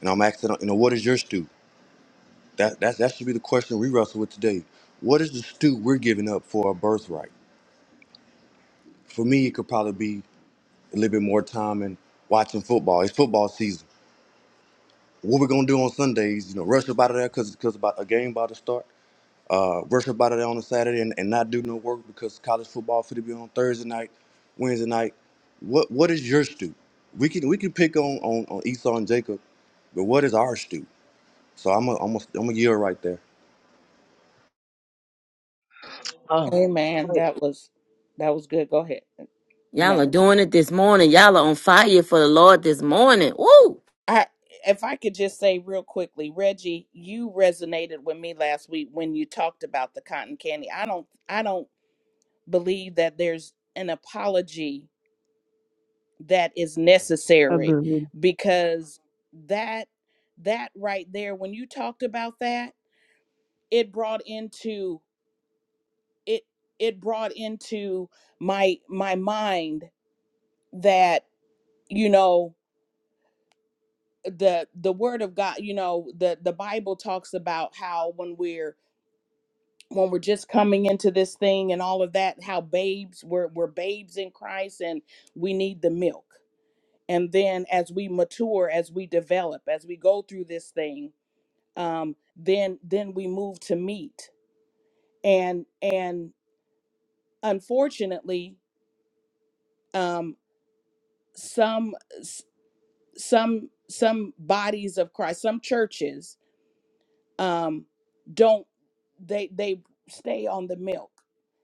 And I'm asking, you know, what is your stew? That that that should be the question we wrestle with today. What is the stew we're giving up for our birthright? For me, it could probably be a little bit more time and watching football. It's football season what we're gonna do on Sundays, you know, rush up out of there because because about a game about to start. Uh, rush up out of there on a Saturday and, and not do no work because college football for to be on Thursday night, Wednesday night. What what is your stoop? We can we can pick on on, on Esau and Jacob, but what is our stoop? So I'm a, I'm a, I'm a year right there. Oh, Amen. wait. That was that was good. Go ahead. No. Y'all are doing it this morning. Y'all are on fire for the Lord this morning. Woo! I if I could just say real quickly, Reggie, you resonated with me last week when you talked about the cotton candy. I don't I don't believe that there's an apology that is necessary Agreed. because that that right there when you talked about that, it brought into it it brought into my my mind that, you know, the the word of God, you know, the the Bible talks about how when we're when we're just coming into this thing and all of that, how babes we're we're babes in Christ and we need the milk. And then as we mature, as we develop, as we go through this thing, um, then then we move to meat. And and unfortunately, um, some s- some some bodies of Christ, some churches um, don't they they stay on the milk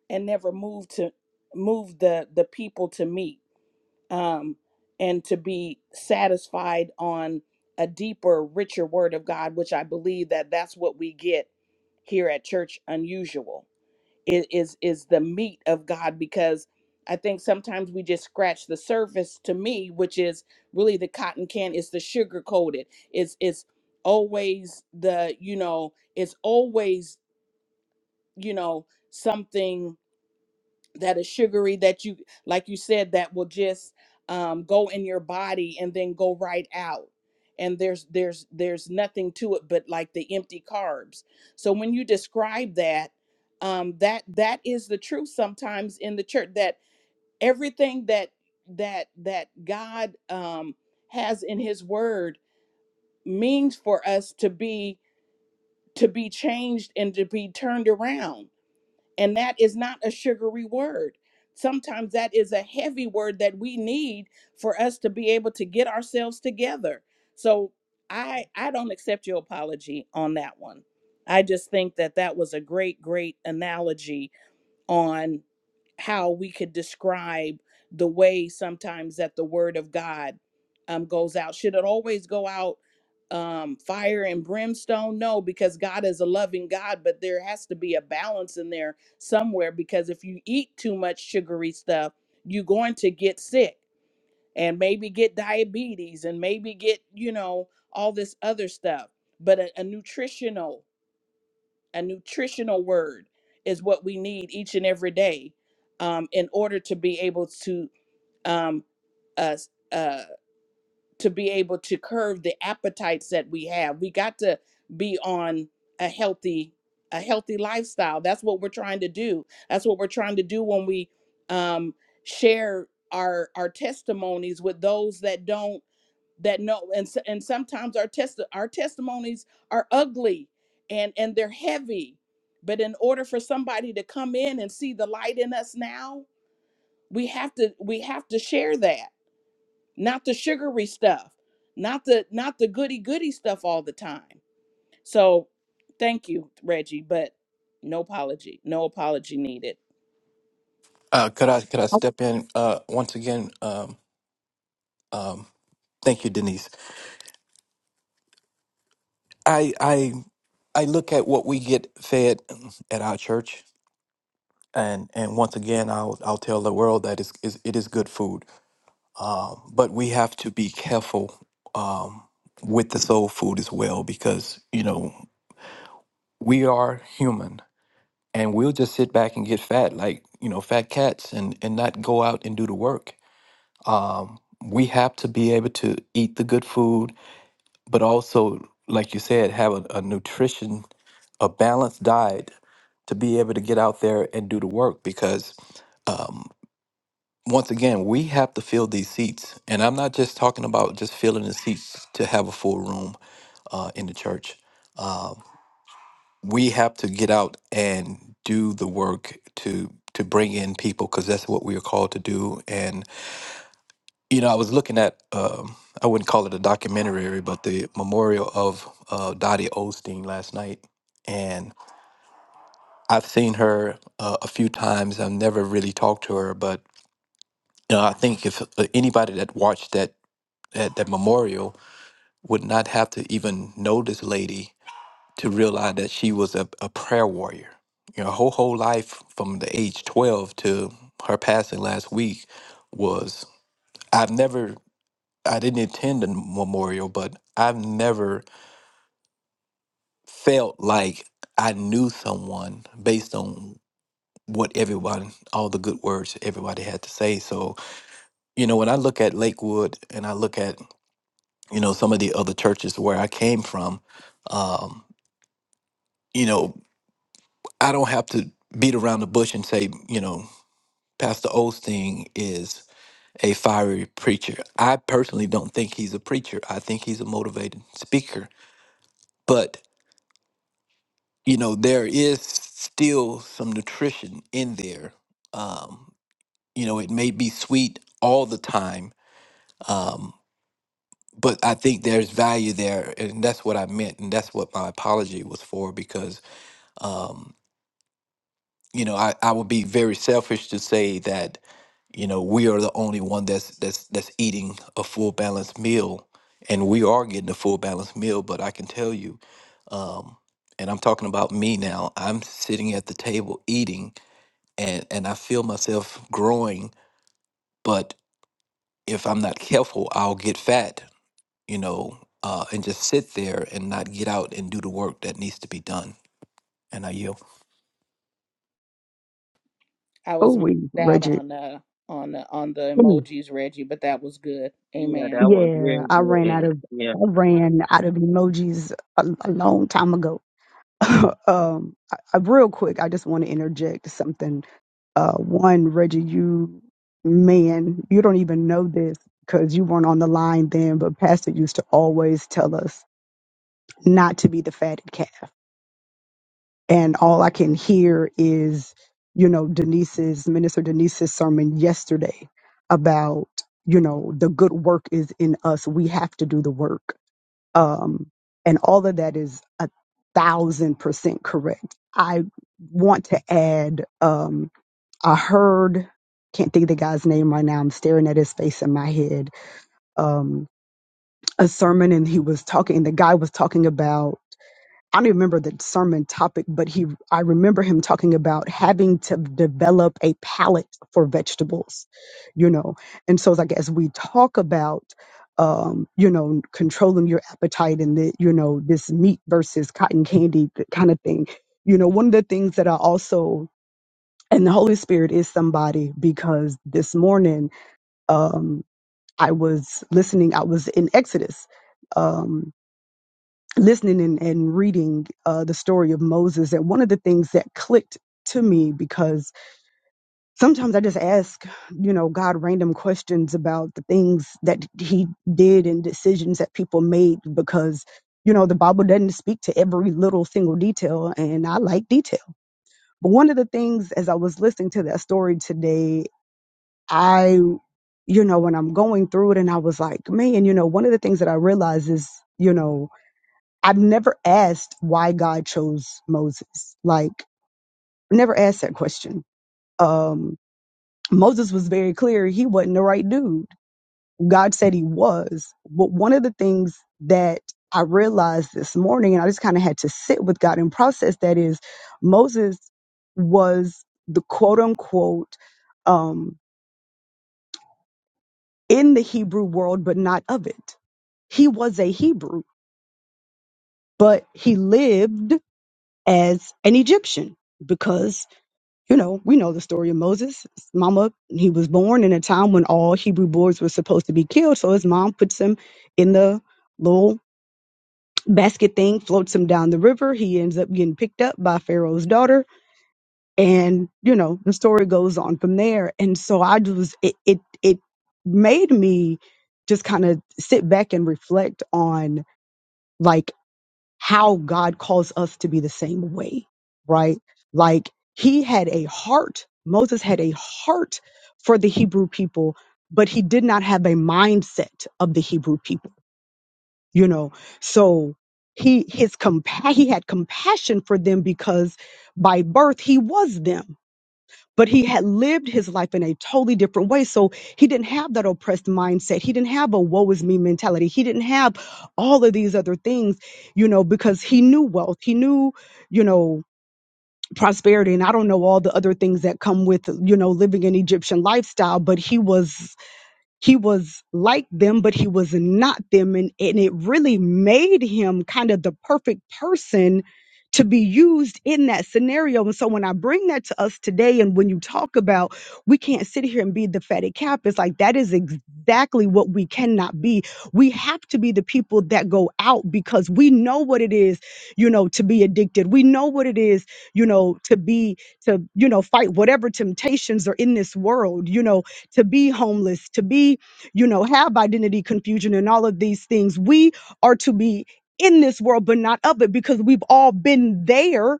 and never move to move the the people to meat um, and to be satisfied on a deeper richer word of god which i believe that that's what we get here at church unusual is is is the meat of God because I think sometimes we just scratch the surface to me, which is really the cotton can, it's the sugar coated. It's it's always the, you know, it's always, you know, something that is sugary that you like you said that will just um, go in your body and then go right out and there's there's there's nothing to it but like the empty carbs so when you describe that um, that that is the truth sometimes in the church that everything that that that god um, has in his word means for us to be to be changed and to be turned around and that is not a sugary word. Sometimes that is a heavy word that we need for us to be able to get ourselves together. So I I don't accept your apology on that one. I just think that that was a great great analogy on how we could describe the way sometimes that the word of God um, goes out. Should it always go out um, fire and brimstone? No, because God is a loving God, but there has to be a balance in there somewhere because if you eat too much sugary stuff, you're going to get sick and maybe get diabetes and maybe get, you know, all this other stuff. But a, a nutritional a nutritional word is what we need each and every day um, in order to be able to um, uh, uh, to be able to curb the appetites that we have. We got to be on a healthy a healthy lifestyle. That's what we're trying to do. That's what we're trying to do when we um, share our our testimonies with those that don't that no and s- and sometimes our test our testimonies are ugly and and they're heavy but in order for somebody to come in and see the light in us now we have to we have to share that not the sugary stuff not the not the goody goody stuff all the time so thank you, Reggie, but no apology, no apology needed. uh, could i could i Oh, step in uh, once again um, um, thank you denise i i i look at what we get fed at our church and and once again i'll i'll tell the world that it's, it's, it is good food Um, but we have to be careful um, with the soul food as well because, you know, we are human and we'll just sit back and get fat like, you know, fat cats and, and not go out and do the work. Um, we have to be able to eat the good food, but also, like you said, have a, a nutrition, a balanced diet to be able to get out there and do the work because um, once again, we have to fill these seats. And I'm not just talking about just filling the seats to have a full room uh, in the church. Uh, we have to get out and do the work to to bring in people because that's what we are called to do. And you know, I was looking at um, I wouldn't call it a documentary, but the memorial of uh, Dottie Osteen last night. And I've seen her uh, a few times. I've never really talked to her, but you know, I think if uh, anybody that watched that at that memorial would not have to even know this lady to realize that she was a, a prayer warrior. You know, her whole, whole life from the age 12 to her passing last week was I've never, I didn't attend the memorial, but I've never felt like I knew someone based on what everyone, all the good words everybody had to say. So, you know, when I look at Lakewood and I look at, you know, some of the other churches where I came from, um, you know, I don't have to beat around the bush and say, you know, Pastor Osteen is a fiery preacher. I personally don't think he's a preacher. I think he's a motivated speaker. But, you know, there is still some nutrition in there. Um, you know, it may be sweet all the time, um, but I think there's value there. And that's what I meant. And that's what my apology was for because um, you know, I, I would be very selfish to say that, you know, we are the only one that's that's that's eating a full balanced meal, and we are getting a full balanced meal. But I can tell you, um, and I'm talking about me now. I'm sitting at the table eating, and and I feel myself growing. But if I'm not careful, I'll get fat, you know, uh, and just sit there and not get out and do the work that needs to be done. And I yield. I oh was we maxed out Reggie. on uh on the on the Mm. emojis, Reggie, but that was good. yeah, Amen. that was Yeah, very I ran out good. of Yeah. I ran out of emojis a, a long time ago. um, I, I, real quick, I just want to interject something. Uh, one, Reggie, you man, you don't even know this because you weren't on the line then, but Pastor used to always tell us not to be the fatted calf. And all I can hear is, you know, Denise's minister Denise's sermon yesterday about, you know, the good work is in us. We have to do the work um, and all of that is a thousand percent correct. I want to add, um, I heard, can't think of the guy's name right now. I'm staring at his face in my head. Um, a sermon and he was talking, the guy was talking about I don't remember the sermon topic, but he I remember him talking about having to develop a palate for vegetables, you know. And so it's like as we talk about um, you know, controlling your appetite and the, you know, this meat versus cotton candy kind of thing. You know, one of the things that I also and the Holy Spirit is somebody because this morning um I was listening, I was in Exodus. Um listening and, and reading uh, the story of Moses, that one of the things that clicked to me because sometimes I just ask, you know, God random questions about the things that He did and decisions that people made because. You know, the Bible doesn't speak to every little single detail, and I like detail. But one of the things, as I was listening to that story today, I, you know, when I'm going through it, and I was like, man, you know, one of the things that I realized is, you know, I've never asked why God chose Moses. Like, never asked that question. Um, Moses was very clear he wasn't the right dude. God said he was. But one of the things that I realized this morning, and I just kind of had to sit with God and process that is Moses was the quote unquote um, in the Hebrew world, but not of it. He was a Hebrew, but he lived as an Egyptian because. you know, we know the story of Moses. His Mama, he was born in a time when all Hebrew boys were supposed to be killed. So his mom puts him in the little basket thing, floats him down the river. He ends up getting picked up by Pharaoh's daughter. And, you know, the story goes on from there. And so I just, it, it, it made me just kind of sit back and reflect on. like how God calls us to be the same way, right? Like he had a heart, Moses had a heart for the Hebrew people, but he did not have a mindset of the Hebrew people, you know? So he his compa- he had compassion for them because by birth he was them but he had lived his life in a totally different way. So he didn't have that oppressed mindset. He didn't have a woe is me mentality. He didn't have all of these other things, you know, because he knew wealth. He knew, you know, prosperity. And I don't know all the other things that come with, you know, living an Egyptian lifestyle, but he was he was like them, but he was not them. And, and it really made him kind of the perfect person to be used in that scenario. And so when I bring that to us today, and when you talk about we can't sit here and be the fatty cap, it's like that is exactly what we cannot be. We have to be the people that go out because we know what it is, you know, to be addicted. We know what it is, you know, to be, to, you know, fight whatever temptations are in this world, you know to be homeless, to be, you know, have identity confusion and all of these things. We are to be in this world, but not of it because we've all been there.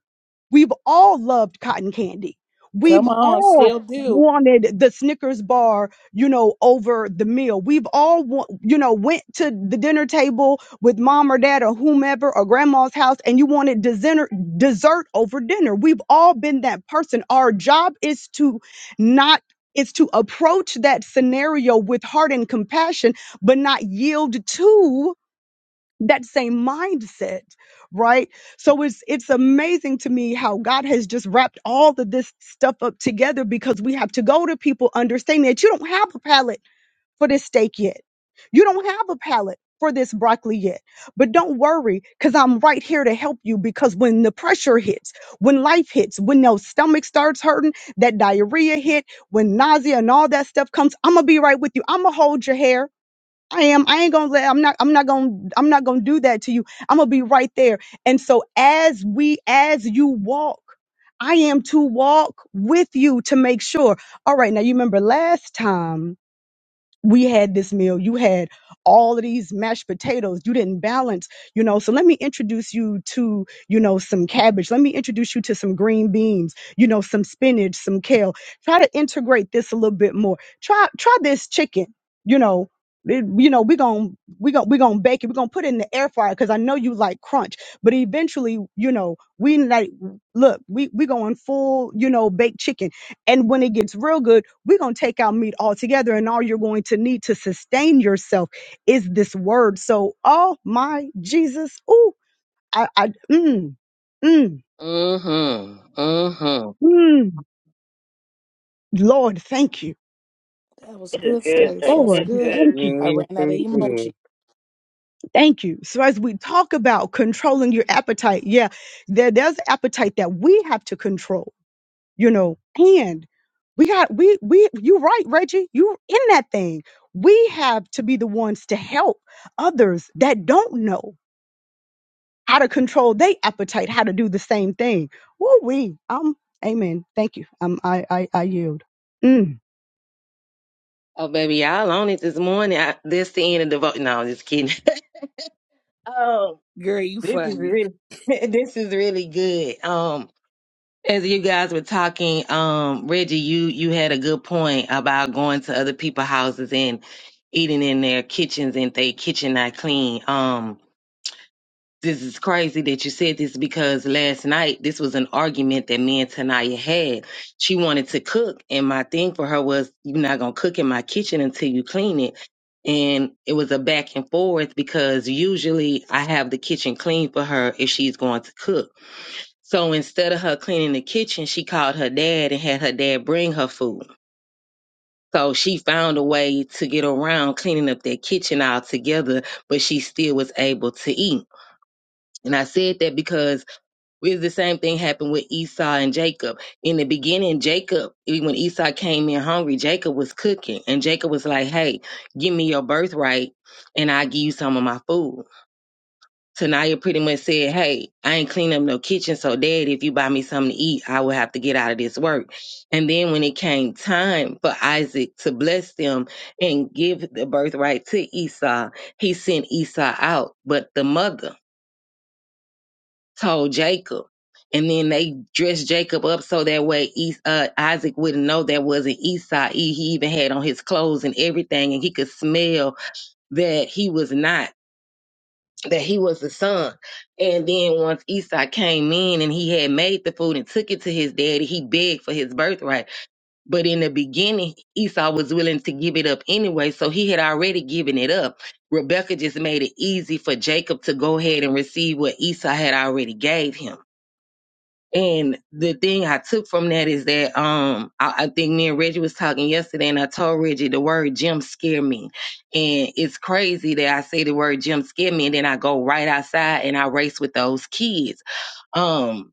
We've all loved cotton candy. We've Come on, all still do. wanted the Snickers bar, you know, over the meal. We've all, wa- you know, went to the dinner table with mom or dad or whomever or grandma's house and you wanted dessert, dessert over dinner. We've all been that person. Our job is to not it's to approach that scenario with heart and compassion, but not yield to that same mindset, right? So it's it's amazing to me how God has just wrapped all of this stuff up together because we have to go to people understanding that you don't have a palate for this steak yet. You don't have a palate for this broccoli yet. But don't worry, because I'm right here to help you. Because when the pressure hits, when life hits, when your stomach starts hurting, that diarrhea hit, when nausea and all that stuff comes, I'm gonna be right with you. I'm gonna hold your hair. I am. I ain't gonna let. I'm not. I'm not gonna. I'm not gonna do that to you. I'm gonna be right there. And so as we, as you walk, I am to walk with you to make sure. All right. Now you remember last time we had this meal you had all of these mashed potatoes you didn't balance you know so let me introduce you to you know some cabbage let me introduce you to some green beans you know some spinach some kale try to integrate this a little bit more try try this chicken you know It- you know we're gonna we gonna we gonna bake it we're gonna put it in the air fryer because i know you like crunch but eventually you know we like look we we going full you know baked chicken and when it gets real good we're going to take out meat altogether, and all you're going to need to sustain yourself is this word. So, oh my Jesus, ooh, I, I, mm, mm, Mm hmm. Mm hmm. mm. Lord, thank you, That was This is good, good. Stace. Thanks. That's This Lord, is good. good. thank you. I Yes, ran out of yes, yes. emoji. Thank you. So as we talk about controlling your appetite, yeah, there, there's appetite that we have to control, you know, and we got we we you right, Reggie, you in that thing. We have to be the ones to help others that don't know. how to control their appetite, how to do the same thing. Woo wee. Um, amen. Thank you. Um, I, I, I yield. Mm, Oh, baby, y'all on it this morning. I, this the end of the vote. No, I'm just kidding. Oh, Girl, you this is funny. really, this is really good. Um, as you guys were talking, um, Reggie, you you had a good point about going to other people's houses and eating in their kitchens and they kitchen not clean. Um, this is crazy that you said this because last night this was an argument that me and Tanaya had. She wanted to cook, and my thing for her was, "You're not gonna cook in my kitchen until you clean it." And it was a back and forth because usually I have the kitchen clean for her if she's going to cook. So instead of her cleaning the kitchen, she called her dad and had her dad bring her food. So she found a way to get around cleaning up that kitchen altogether, but she still was able to eat. And I said that because it's the same thing happened with Esau and Jacob. In the beginning, Jacob, e, when Esau came in hungry, Jacob was cooking. And Jacob was like, hey, give me your birthright and I'll give you some of my food. Tanaya pretty much said, hey, I ain't clean up no kitchen. So, Dad, if you buy me something to eat, I will have to get out of this work. And then when it came time for Isaac to bless them and give the birthright to Esau, he sent Esau out. But the mother, told Jacob. And then they dressed Jacob up so that way Es- uh, Isaac wouldn't know that wasn't Esau. He, he even had on his clothes and everything, and he could smell that he was not, that he was the son. And then once Esau came in and he had made the food and took it to his daddy, he begged for his birthright. But in the beginning, Esau was willing to give it up anyway, so he had already given it up. Rebecca just made it easy for Jacob to go ahead and receive what Esau had already gave him. And the thing I took from that is that um I, I think me and Reggie was talking yesterday, and I told Reggie the word gym scare me, and it's crazy that I say the word gym scare me, and then I go right outside and I race with those kids. Um,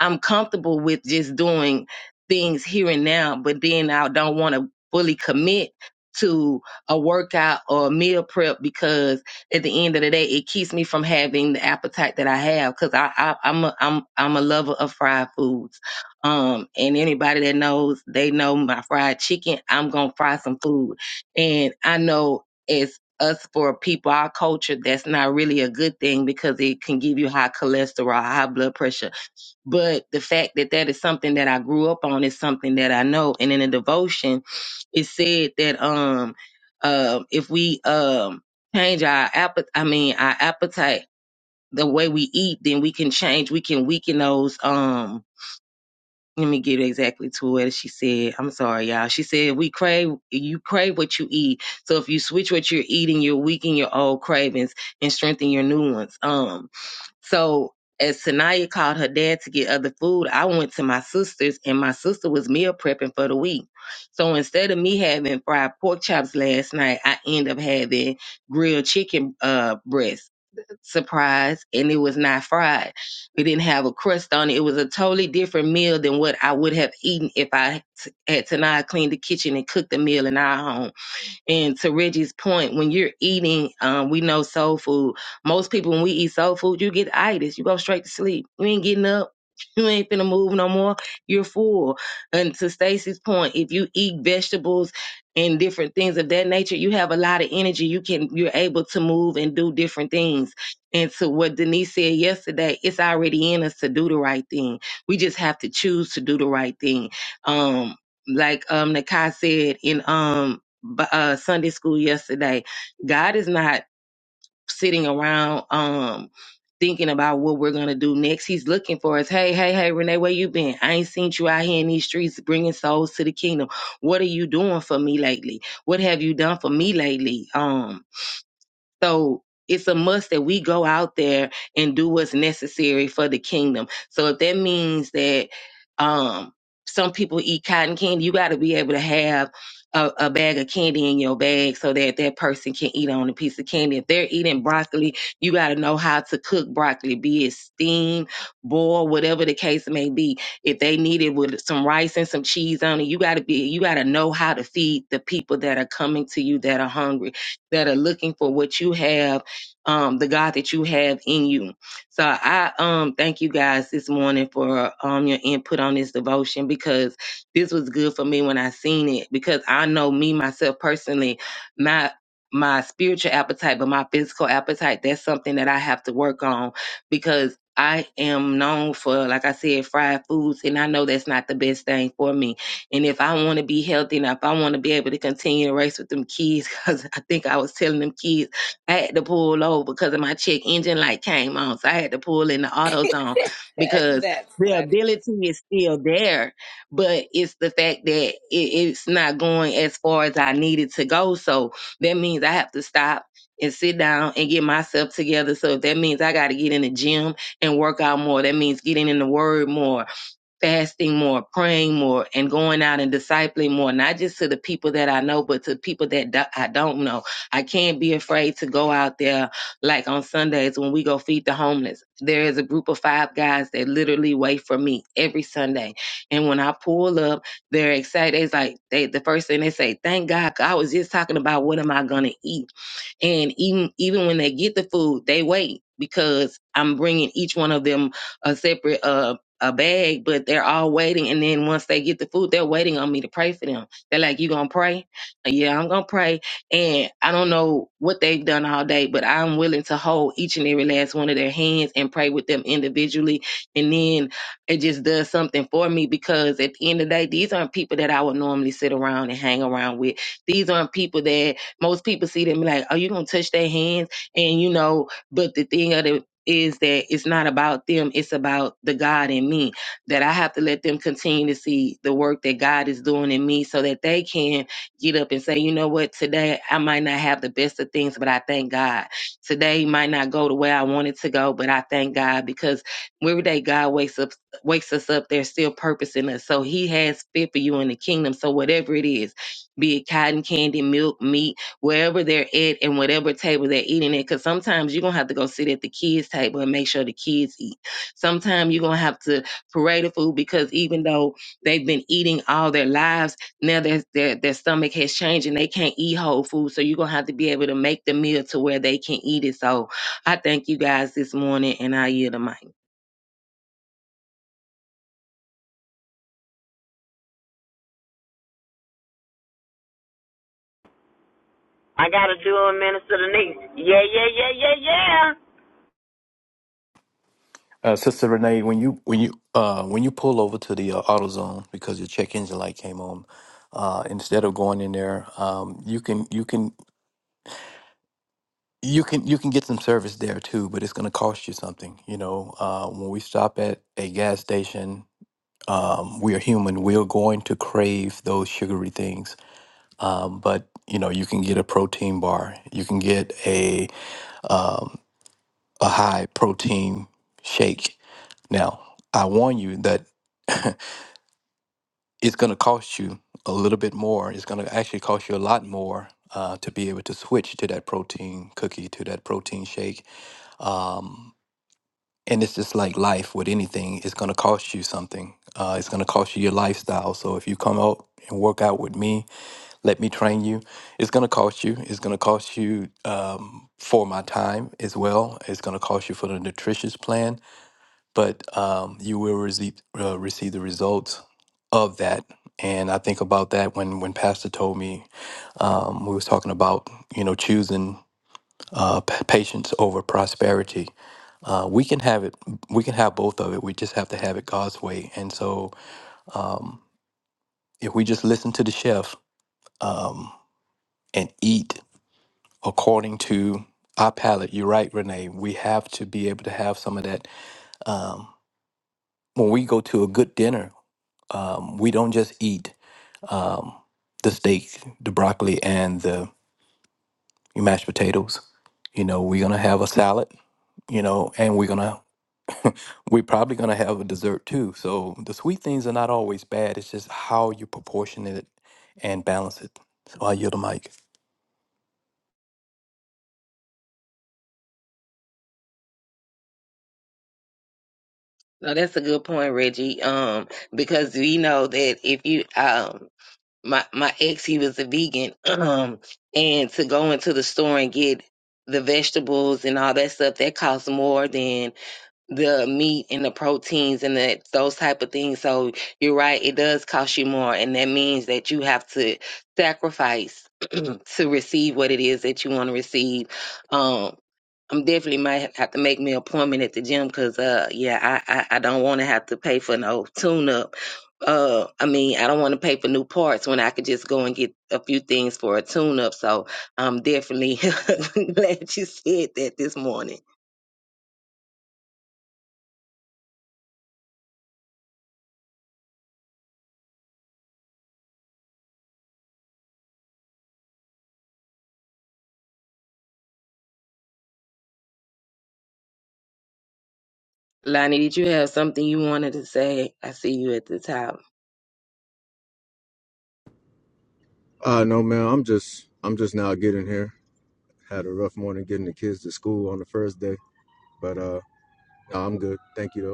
I'm comfortable with just doing things here and now, but then I don't want to fully commit to a workout or a meal prep because at the end of the day, it keeps me from having the appetite that I have because I, I I'm a, I'm I'm a lover of fried foods. Um, and anybody that knows, they know my fried chicken. I'm gonna fry some food, and I know as us for people our culture that's not really a good thing because it can give you high cholesterol high blood pressure but the fact that that is something that I grew up on is something that I know. And in the devotion, it said that um, uh, if we um change our appetite, I mean our appetite, the way we eat, then we can change. We can weaken those. Um, let me get exactly to what she said. I'm sorry, y'all. She said we crave. You crave what you eat. So if you switch what you're eating, you're weakening your old cravings and strengthen your new ones. Um, so as Sanaya called her dad to get other food, I went to my sister's and my sister was meal prepping for the week. So instead of me having fried pork chops last night, I end up having grilled chicken uh breast. Surprise, and it was not fried. It didn't have a crust on it. It was a totally different meal than what I would have eaten if I t- had Tanaya clean the kitchen and cooked the meal in our home. And to Reggie's point, when you're eating, um, we know soul food. Most people, when we eat soul food, you get itis. You go straight to sleep. You ain't getting up. You ain't finna move no more. You're full. And to Stacy's point, if you eat vegetables and different things of that nature, you have a lot of energy. You can, you're able to move and do different things. And to what Denise said yesterday, it's already in us to do the right thing. We just have to choose to do the right thing. Um, like um Nakai said in um uh, Sunday school yesterday. God is not sitting around um thinking about what we're gonna do next. He's looking for us. Hey, hey, hey, Renee, where you been? I ain't seen you out here in these streets bringing souls to the kingdom. What are you doing for me lately? What have you done for me lately? Um, so it's a must that we go out there and do what's necessary for the kingdom. So if that means that um, some people eat cotton candy, you got to be able to have a, a bag of candy in your bag so that that person can eat on a piece of candy. If they're eating broccoli, you got to know how to cook broccoli, be it steam, boil, whatever the case may be. If they need it with some rice and some cheese on it, you got to be, you got to know how to feed the people that are coming to you that are hungry that are looking for what you have, um, the God that you have in you. So I um thank you guys this morning for um your input on this devotion because this was good for me when I seen it because I know me myself personally, my my spiritual appetite, but my physical appetite, that's something that I have to work on because I am known for, like I said, fried foods, and I know that's not the best thing for me. And if I want to be healthy and if I want to be able to continue to race with them kids, because I think I was telling them kids I had to pull over because of my check engine light came on. So I had to pull in the auto zone because That's the funny. ability is still there, but it's the fact that it, it's not going as far as I needed to go. So that means I have to stop and sit down and get myself together. So if that means I got to get in the gym and work out more, that means getting in the word more fasting more, praying more, and going out and discipling more, not just to the people that I know, but to people that do- I don't know. I can't be afraid to go out there like on Sundays when we go feed the homeless. There is a group of five guys that literally wait for me every Sunday. And when I pull up, they're excited. It's like they the first thing they say, Thank God, I was just talking about what am I gonna eat and even even when they get the food they wait because i'm bringing each one of them a separate uh a bag but they're all waiting and then once they get the food they're waiting on me to pray for them they're like you gonna pray Uh, yeah i'm gonna pray and i don't know what they've done all day but i'm willing to hold each and every last one of their hands and pray with them individually and then it just does something for me because at the end of the day these aren't people that i would normally sit around and hang around with these aren't people that most people see them like, "Oh, you gonna touch their hands?" And you know, but the thing of it is that it's not about them; it's about the God in me. That I have to let them continue to see the work that God is doing in me, so that they can get up and say, "You know what? Today I might not have the best of things, but I thank God. Today might not go the way I wanted to go, but I thank God because every day God wakes up wakes us up, there's still purpose in us. So he has fit for you in the kingdom. So whatever it is, be it cotton candy, milk, meat, wherever they're at and whatever table they're eating at. Because sometimes you're going to have to go sit at the kids' table and make sure the kids eat. Sometimes you're going to have to parade the food because even though they've been eating all their lives, now their, their, their stomach has changed and they can't eat whole food. So you're going to have to be able to make the meal to where they can eat it. So I thank you guys this morning and I yield the mic. I gotta do a minister to niece. Yeah, yeah, yeah, yeah, yeah. Uh, Sister Renee, when you when you uh, when you pull over to the uh, AutoZone because your check engine light came on, uh, instead of going in there, um, you can you can you can you can get some service there too, but it's going to cost you something. You know, uh, when we stop at a gas station, um, we are human. We are going to crave those sugary things. Um, but you know, you can get a protein bar, you can get a um, a high protein shake. Now, I warn you that it's going to cost you a little bit more. It's going to actually cost you a lot more uh, to be able to switch to that protein cookie, to that protein shake. Um, and it's just like life with anything, it's going to cost you something. Uh, it's going to cost you your lifestyle. So if you come out and work out with me, let me train you, it's going to cost you. It's going to cost you um, for my time as well. It's going to cost you for the nutritious plan but um, you will receive uh, receive the results of that. And I think about that when when Pastor told me um, we was talking about you know choosing uh, pa- patience over prosperity. Uh, we can have it. We can have both of it. We just have to have it God's way. And so, um, if we just listen to the chef um, and eat according to our palate, you're right, Renee. We have to be able to have some of that. Um, when we go to a good dinner, um, we don't just eat um, the steak, the broccoli, and the mashed potatoes. You know, we're gonna have a salad. You know, and we're gonna we're probably gonna have a dessert too. So the sweet things are not always bad. It's just how you proportion it and balance it. So I yield the mic. No, that's a good point, Reggie. Um, because we know that if you, um. my my ex he was a vegan um and to go into the store and get the vegetables and all that stuff that costs more than the meat and the proteins and that those type of things so you're right it does cost you more and that means that you have to sacrifice to receive what it is that you want to receive um. I'm definitely might have to make me an appointment at the gym because, uh, yeah, I, I, I don't want to have to pay for no tune up. Uh, I mean, I don't want to pay for new parts when I could just go and get a few things for a tune up. So I'm definitely glad you said that this morning. Lonnie, did you have something you wanted to say? I see you at the top. Uh no man, I'm just I'm just now getting here. Had a rough morning getting the kids to school on the first day, but uh no, I'm good. Thank you though.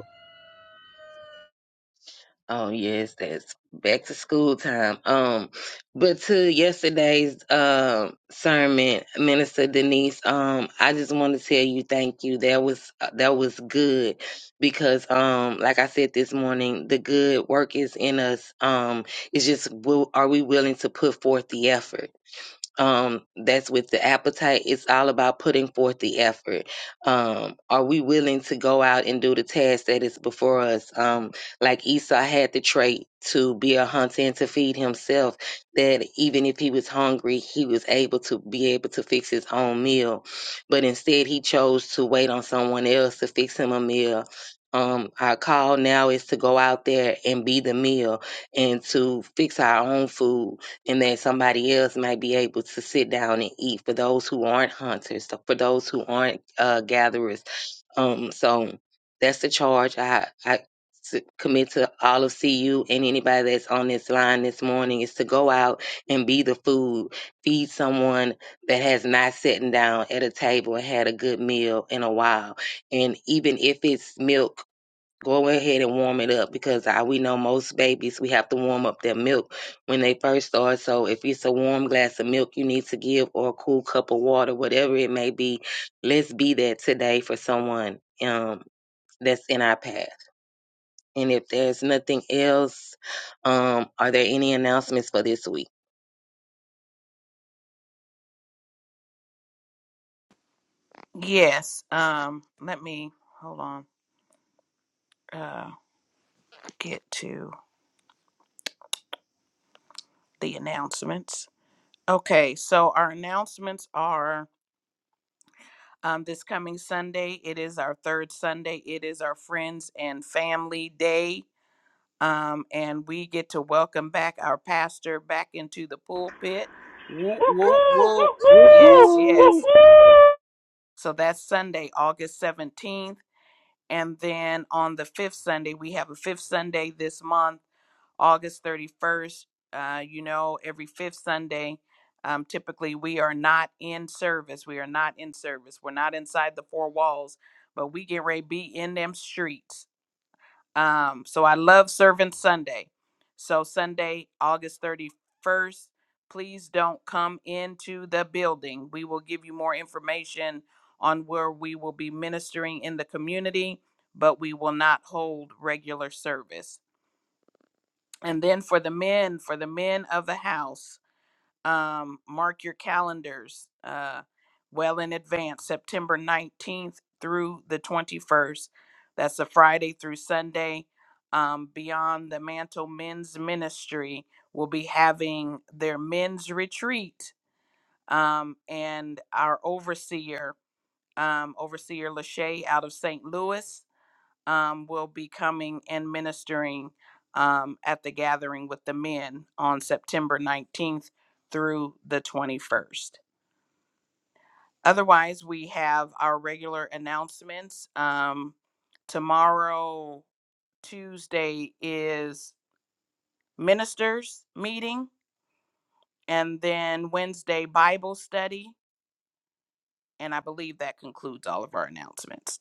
Oh yes, that's back to school time. Um, but to yesterday's um sermon, Minister Denise, um, I just want to tell you thank you. That was uh, that was good because um, like I said this morning, the good work is in us. Um, it's just will, are we willing to put forth the effort? um that's with the appetite it's all about putting forth the effort um are we willing to go out and do the task that is before us um like esau had the trait to be a hunter and to feed himself that even if he was hungry he was able to be able to fix his own meal but instead he chose to wait on someone else to fix him a meal um, our call now is to go out there and be the meal and to fix our own food and that somebody else might be able to sit down and eat for those who aren't hunters, so for those who aren't uh, gatherers. Um, so that's the charge I, I s- commit to all of CU and anybody that's on this line this morning is to go out and be the food, feed someone that has not sitting down at a table and had a good meal in a while. And even if it's milk Go ahead and warm it up because I, we know most babies, we have to warm up their milk when they first start. So if it's a warm glass of milk you need to give or a cool cup of water, whatever it may be, let's be that today for someone um, that's in our path. And if there's nothing else, um, are there any announcements for this week? Yes. Um, let me hold on. Uh, get to the announcements. Okay, so our announcements are um, this coming Sunday. It is our third Sunday. It is our Friends and Family Day, um, and we get to welcome back our pastor back into the pulpit. Whoop, whoop, whoop. Whoop, Yes, whoop. yes. So that's Sunday, August seventeenth, and then on the fifth Sunday, we have a fifth Sunday this month August 31st. Uh, you know, every fifth Sunday, um, typically we are not in service. We are not in service. We're not inside the four walls, but we get ready to be in them streets. Um, so I love Servant Sunday. So Sunday, August 31st, please don't come into the building. We will give you more information on where we will be ministering in the community, but we will not hold regular service and then for the men for the men of the house um mark your calendars uh well in advance september 19th through the 21st that's a friday through sunday um beyond the mantle men's ministry will be having their men's retreat um and our overseer um overseer lachey out of st louis um, will be coming and ministering um, at the gathering with the men on September 19th through the 21st. Otherwise, we have our regular announcements. Um, tomorrow, Tuesday, is ministers meeting, and then Wednesday, Bible study. And I believe that concludes all of our announcements.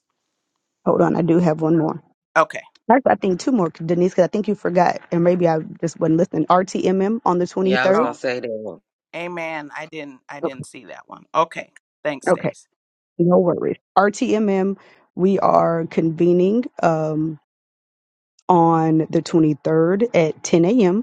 hold on. I do have one Oh, more. Okay. Actually, I think two more, Denise, because I think you forgot, and maybe I just wasn't listening. RTMM on the Yeah, I was 23rd. going Oh, to say that. amen. I didn't I Okay. didn't see that one. Okay. Thanks, okay. Stace. No worries. RTMM, we are convening um, on the 23rd at 10 a.m.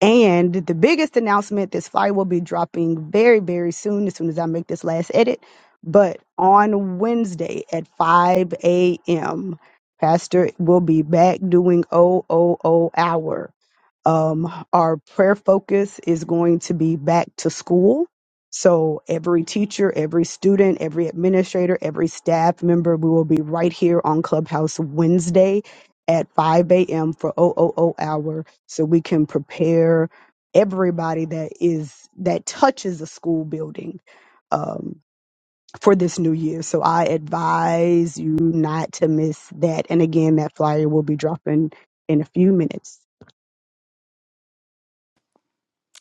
And the biggest announcement this flyer will be dropping very, very soon, as soon as I make this last edit. But on Wednesday at 5 a.m., Pastor will be back doing OOO hour. Um, our prayer focus is going to be back to school. So every teacher, every student, every administrator, every staff member, we will be right here on Clubhouse Wednesday at 5 a.m. for OOO hour so we can prepare everybody that is that touches a school building um, for this new year. So I advise you not to miss that. And again, that flyer will be dropping in a few minutes.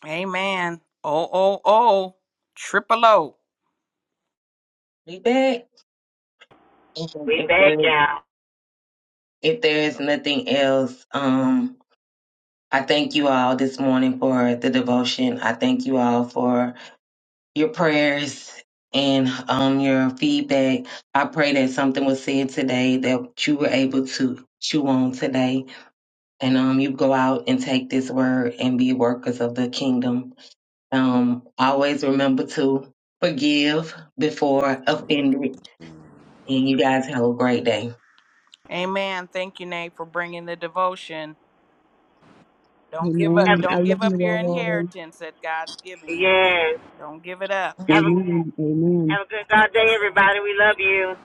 Amen. Oh, oh, oh. Triple O. Be back. Mhm. We If back there's out. if there's nothing else, um, I thank you all this morning for the devotion. I thank you all for your prayers and um, your feedback. I pray that something was said today that you were able to chew on today. And um, you go out and take this word and be workers of the kingdom. Um, always remember to forgive before offended. And you guys have a great day. Amen. Thank you, Nate, for bringing the devotion. Don't give up. Have a Amen. I good Don't love give up you your all. inheritance that God's given you. yes. Don't give it up. Have a Amen. Amen. have a good Have a God day, blessed day. everybody. We love you.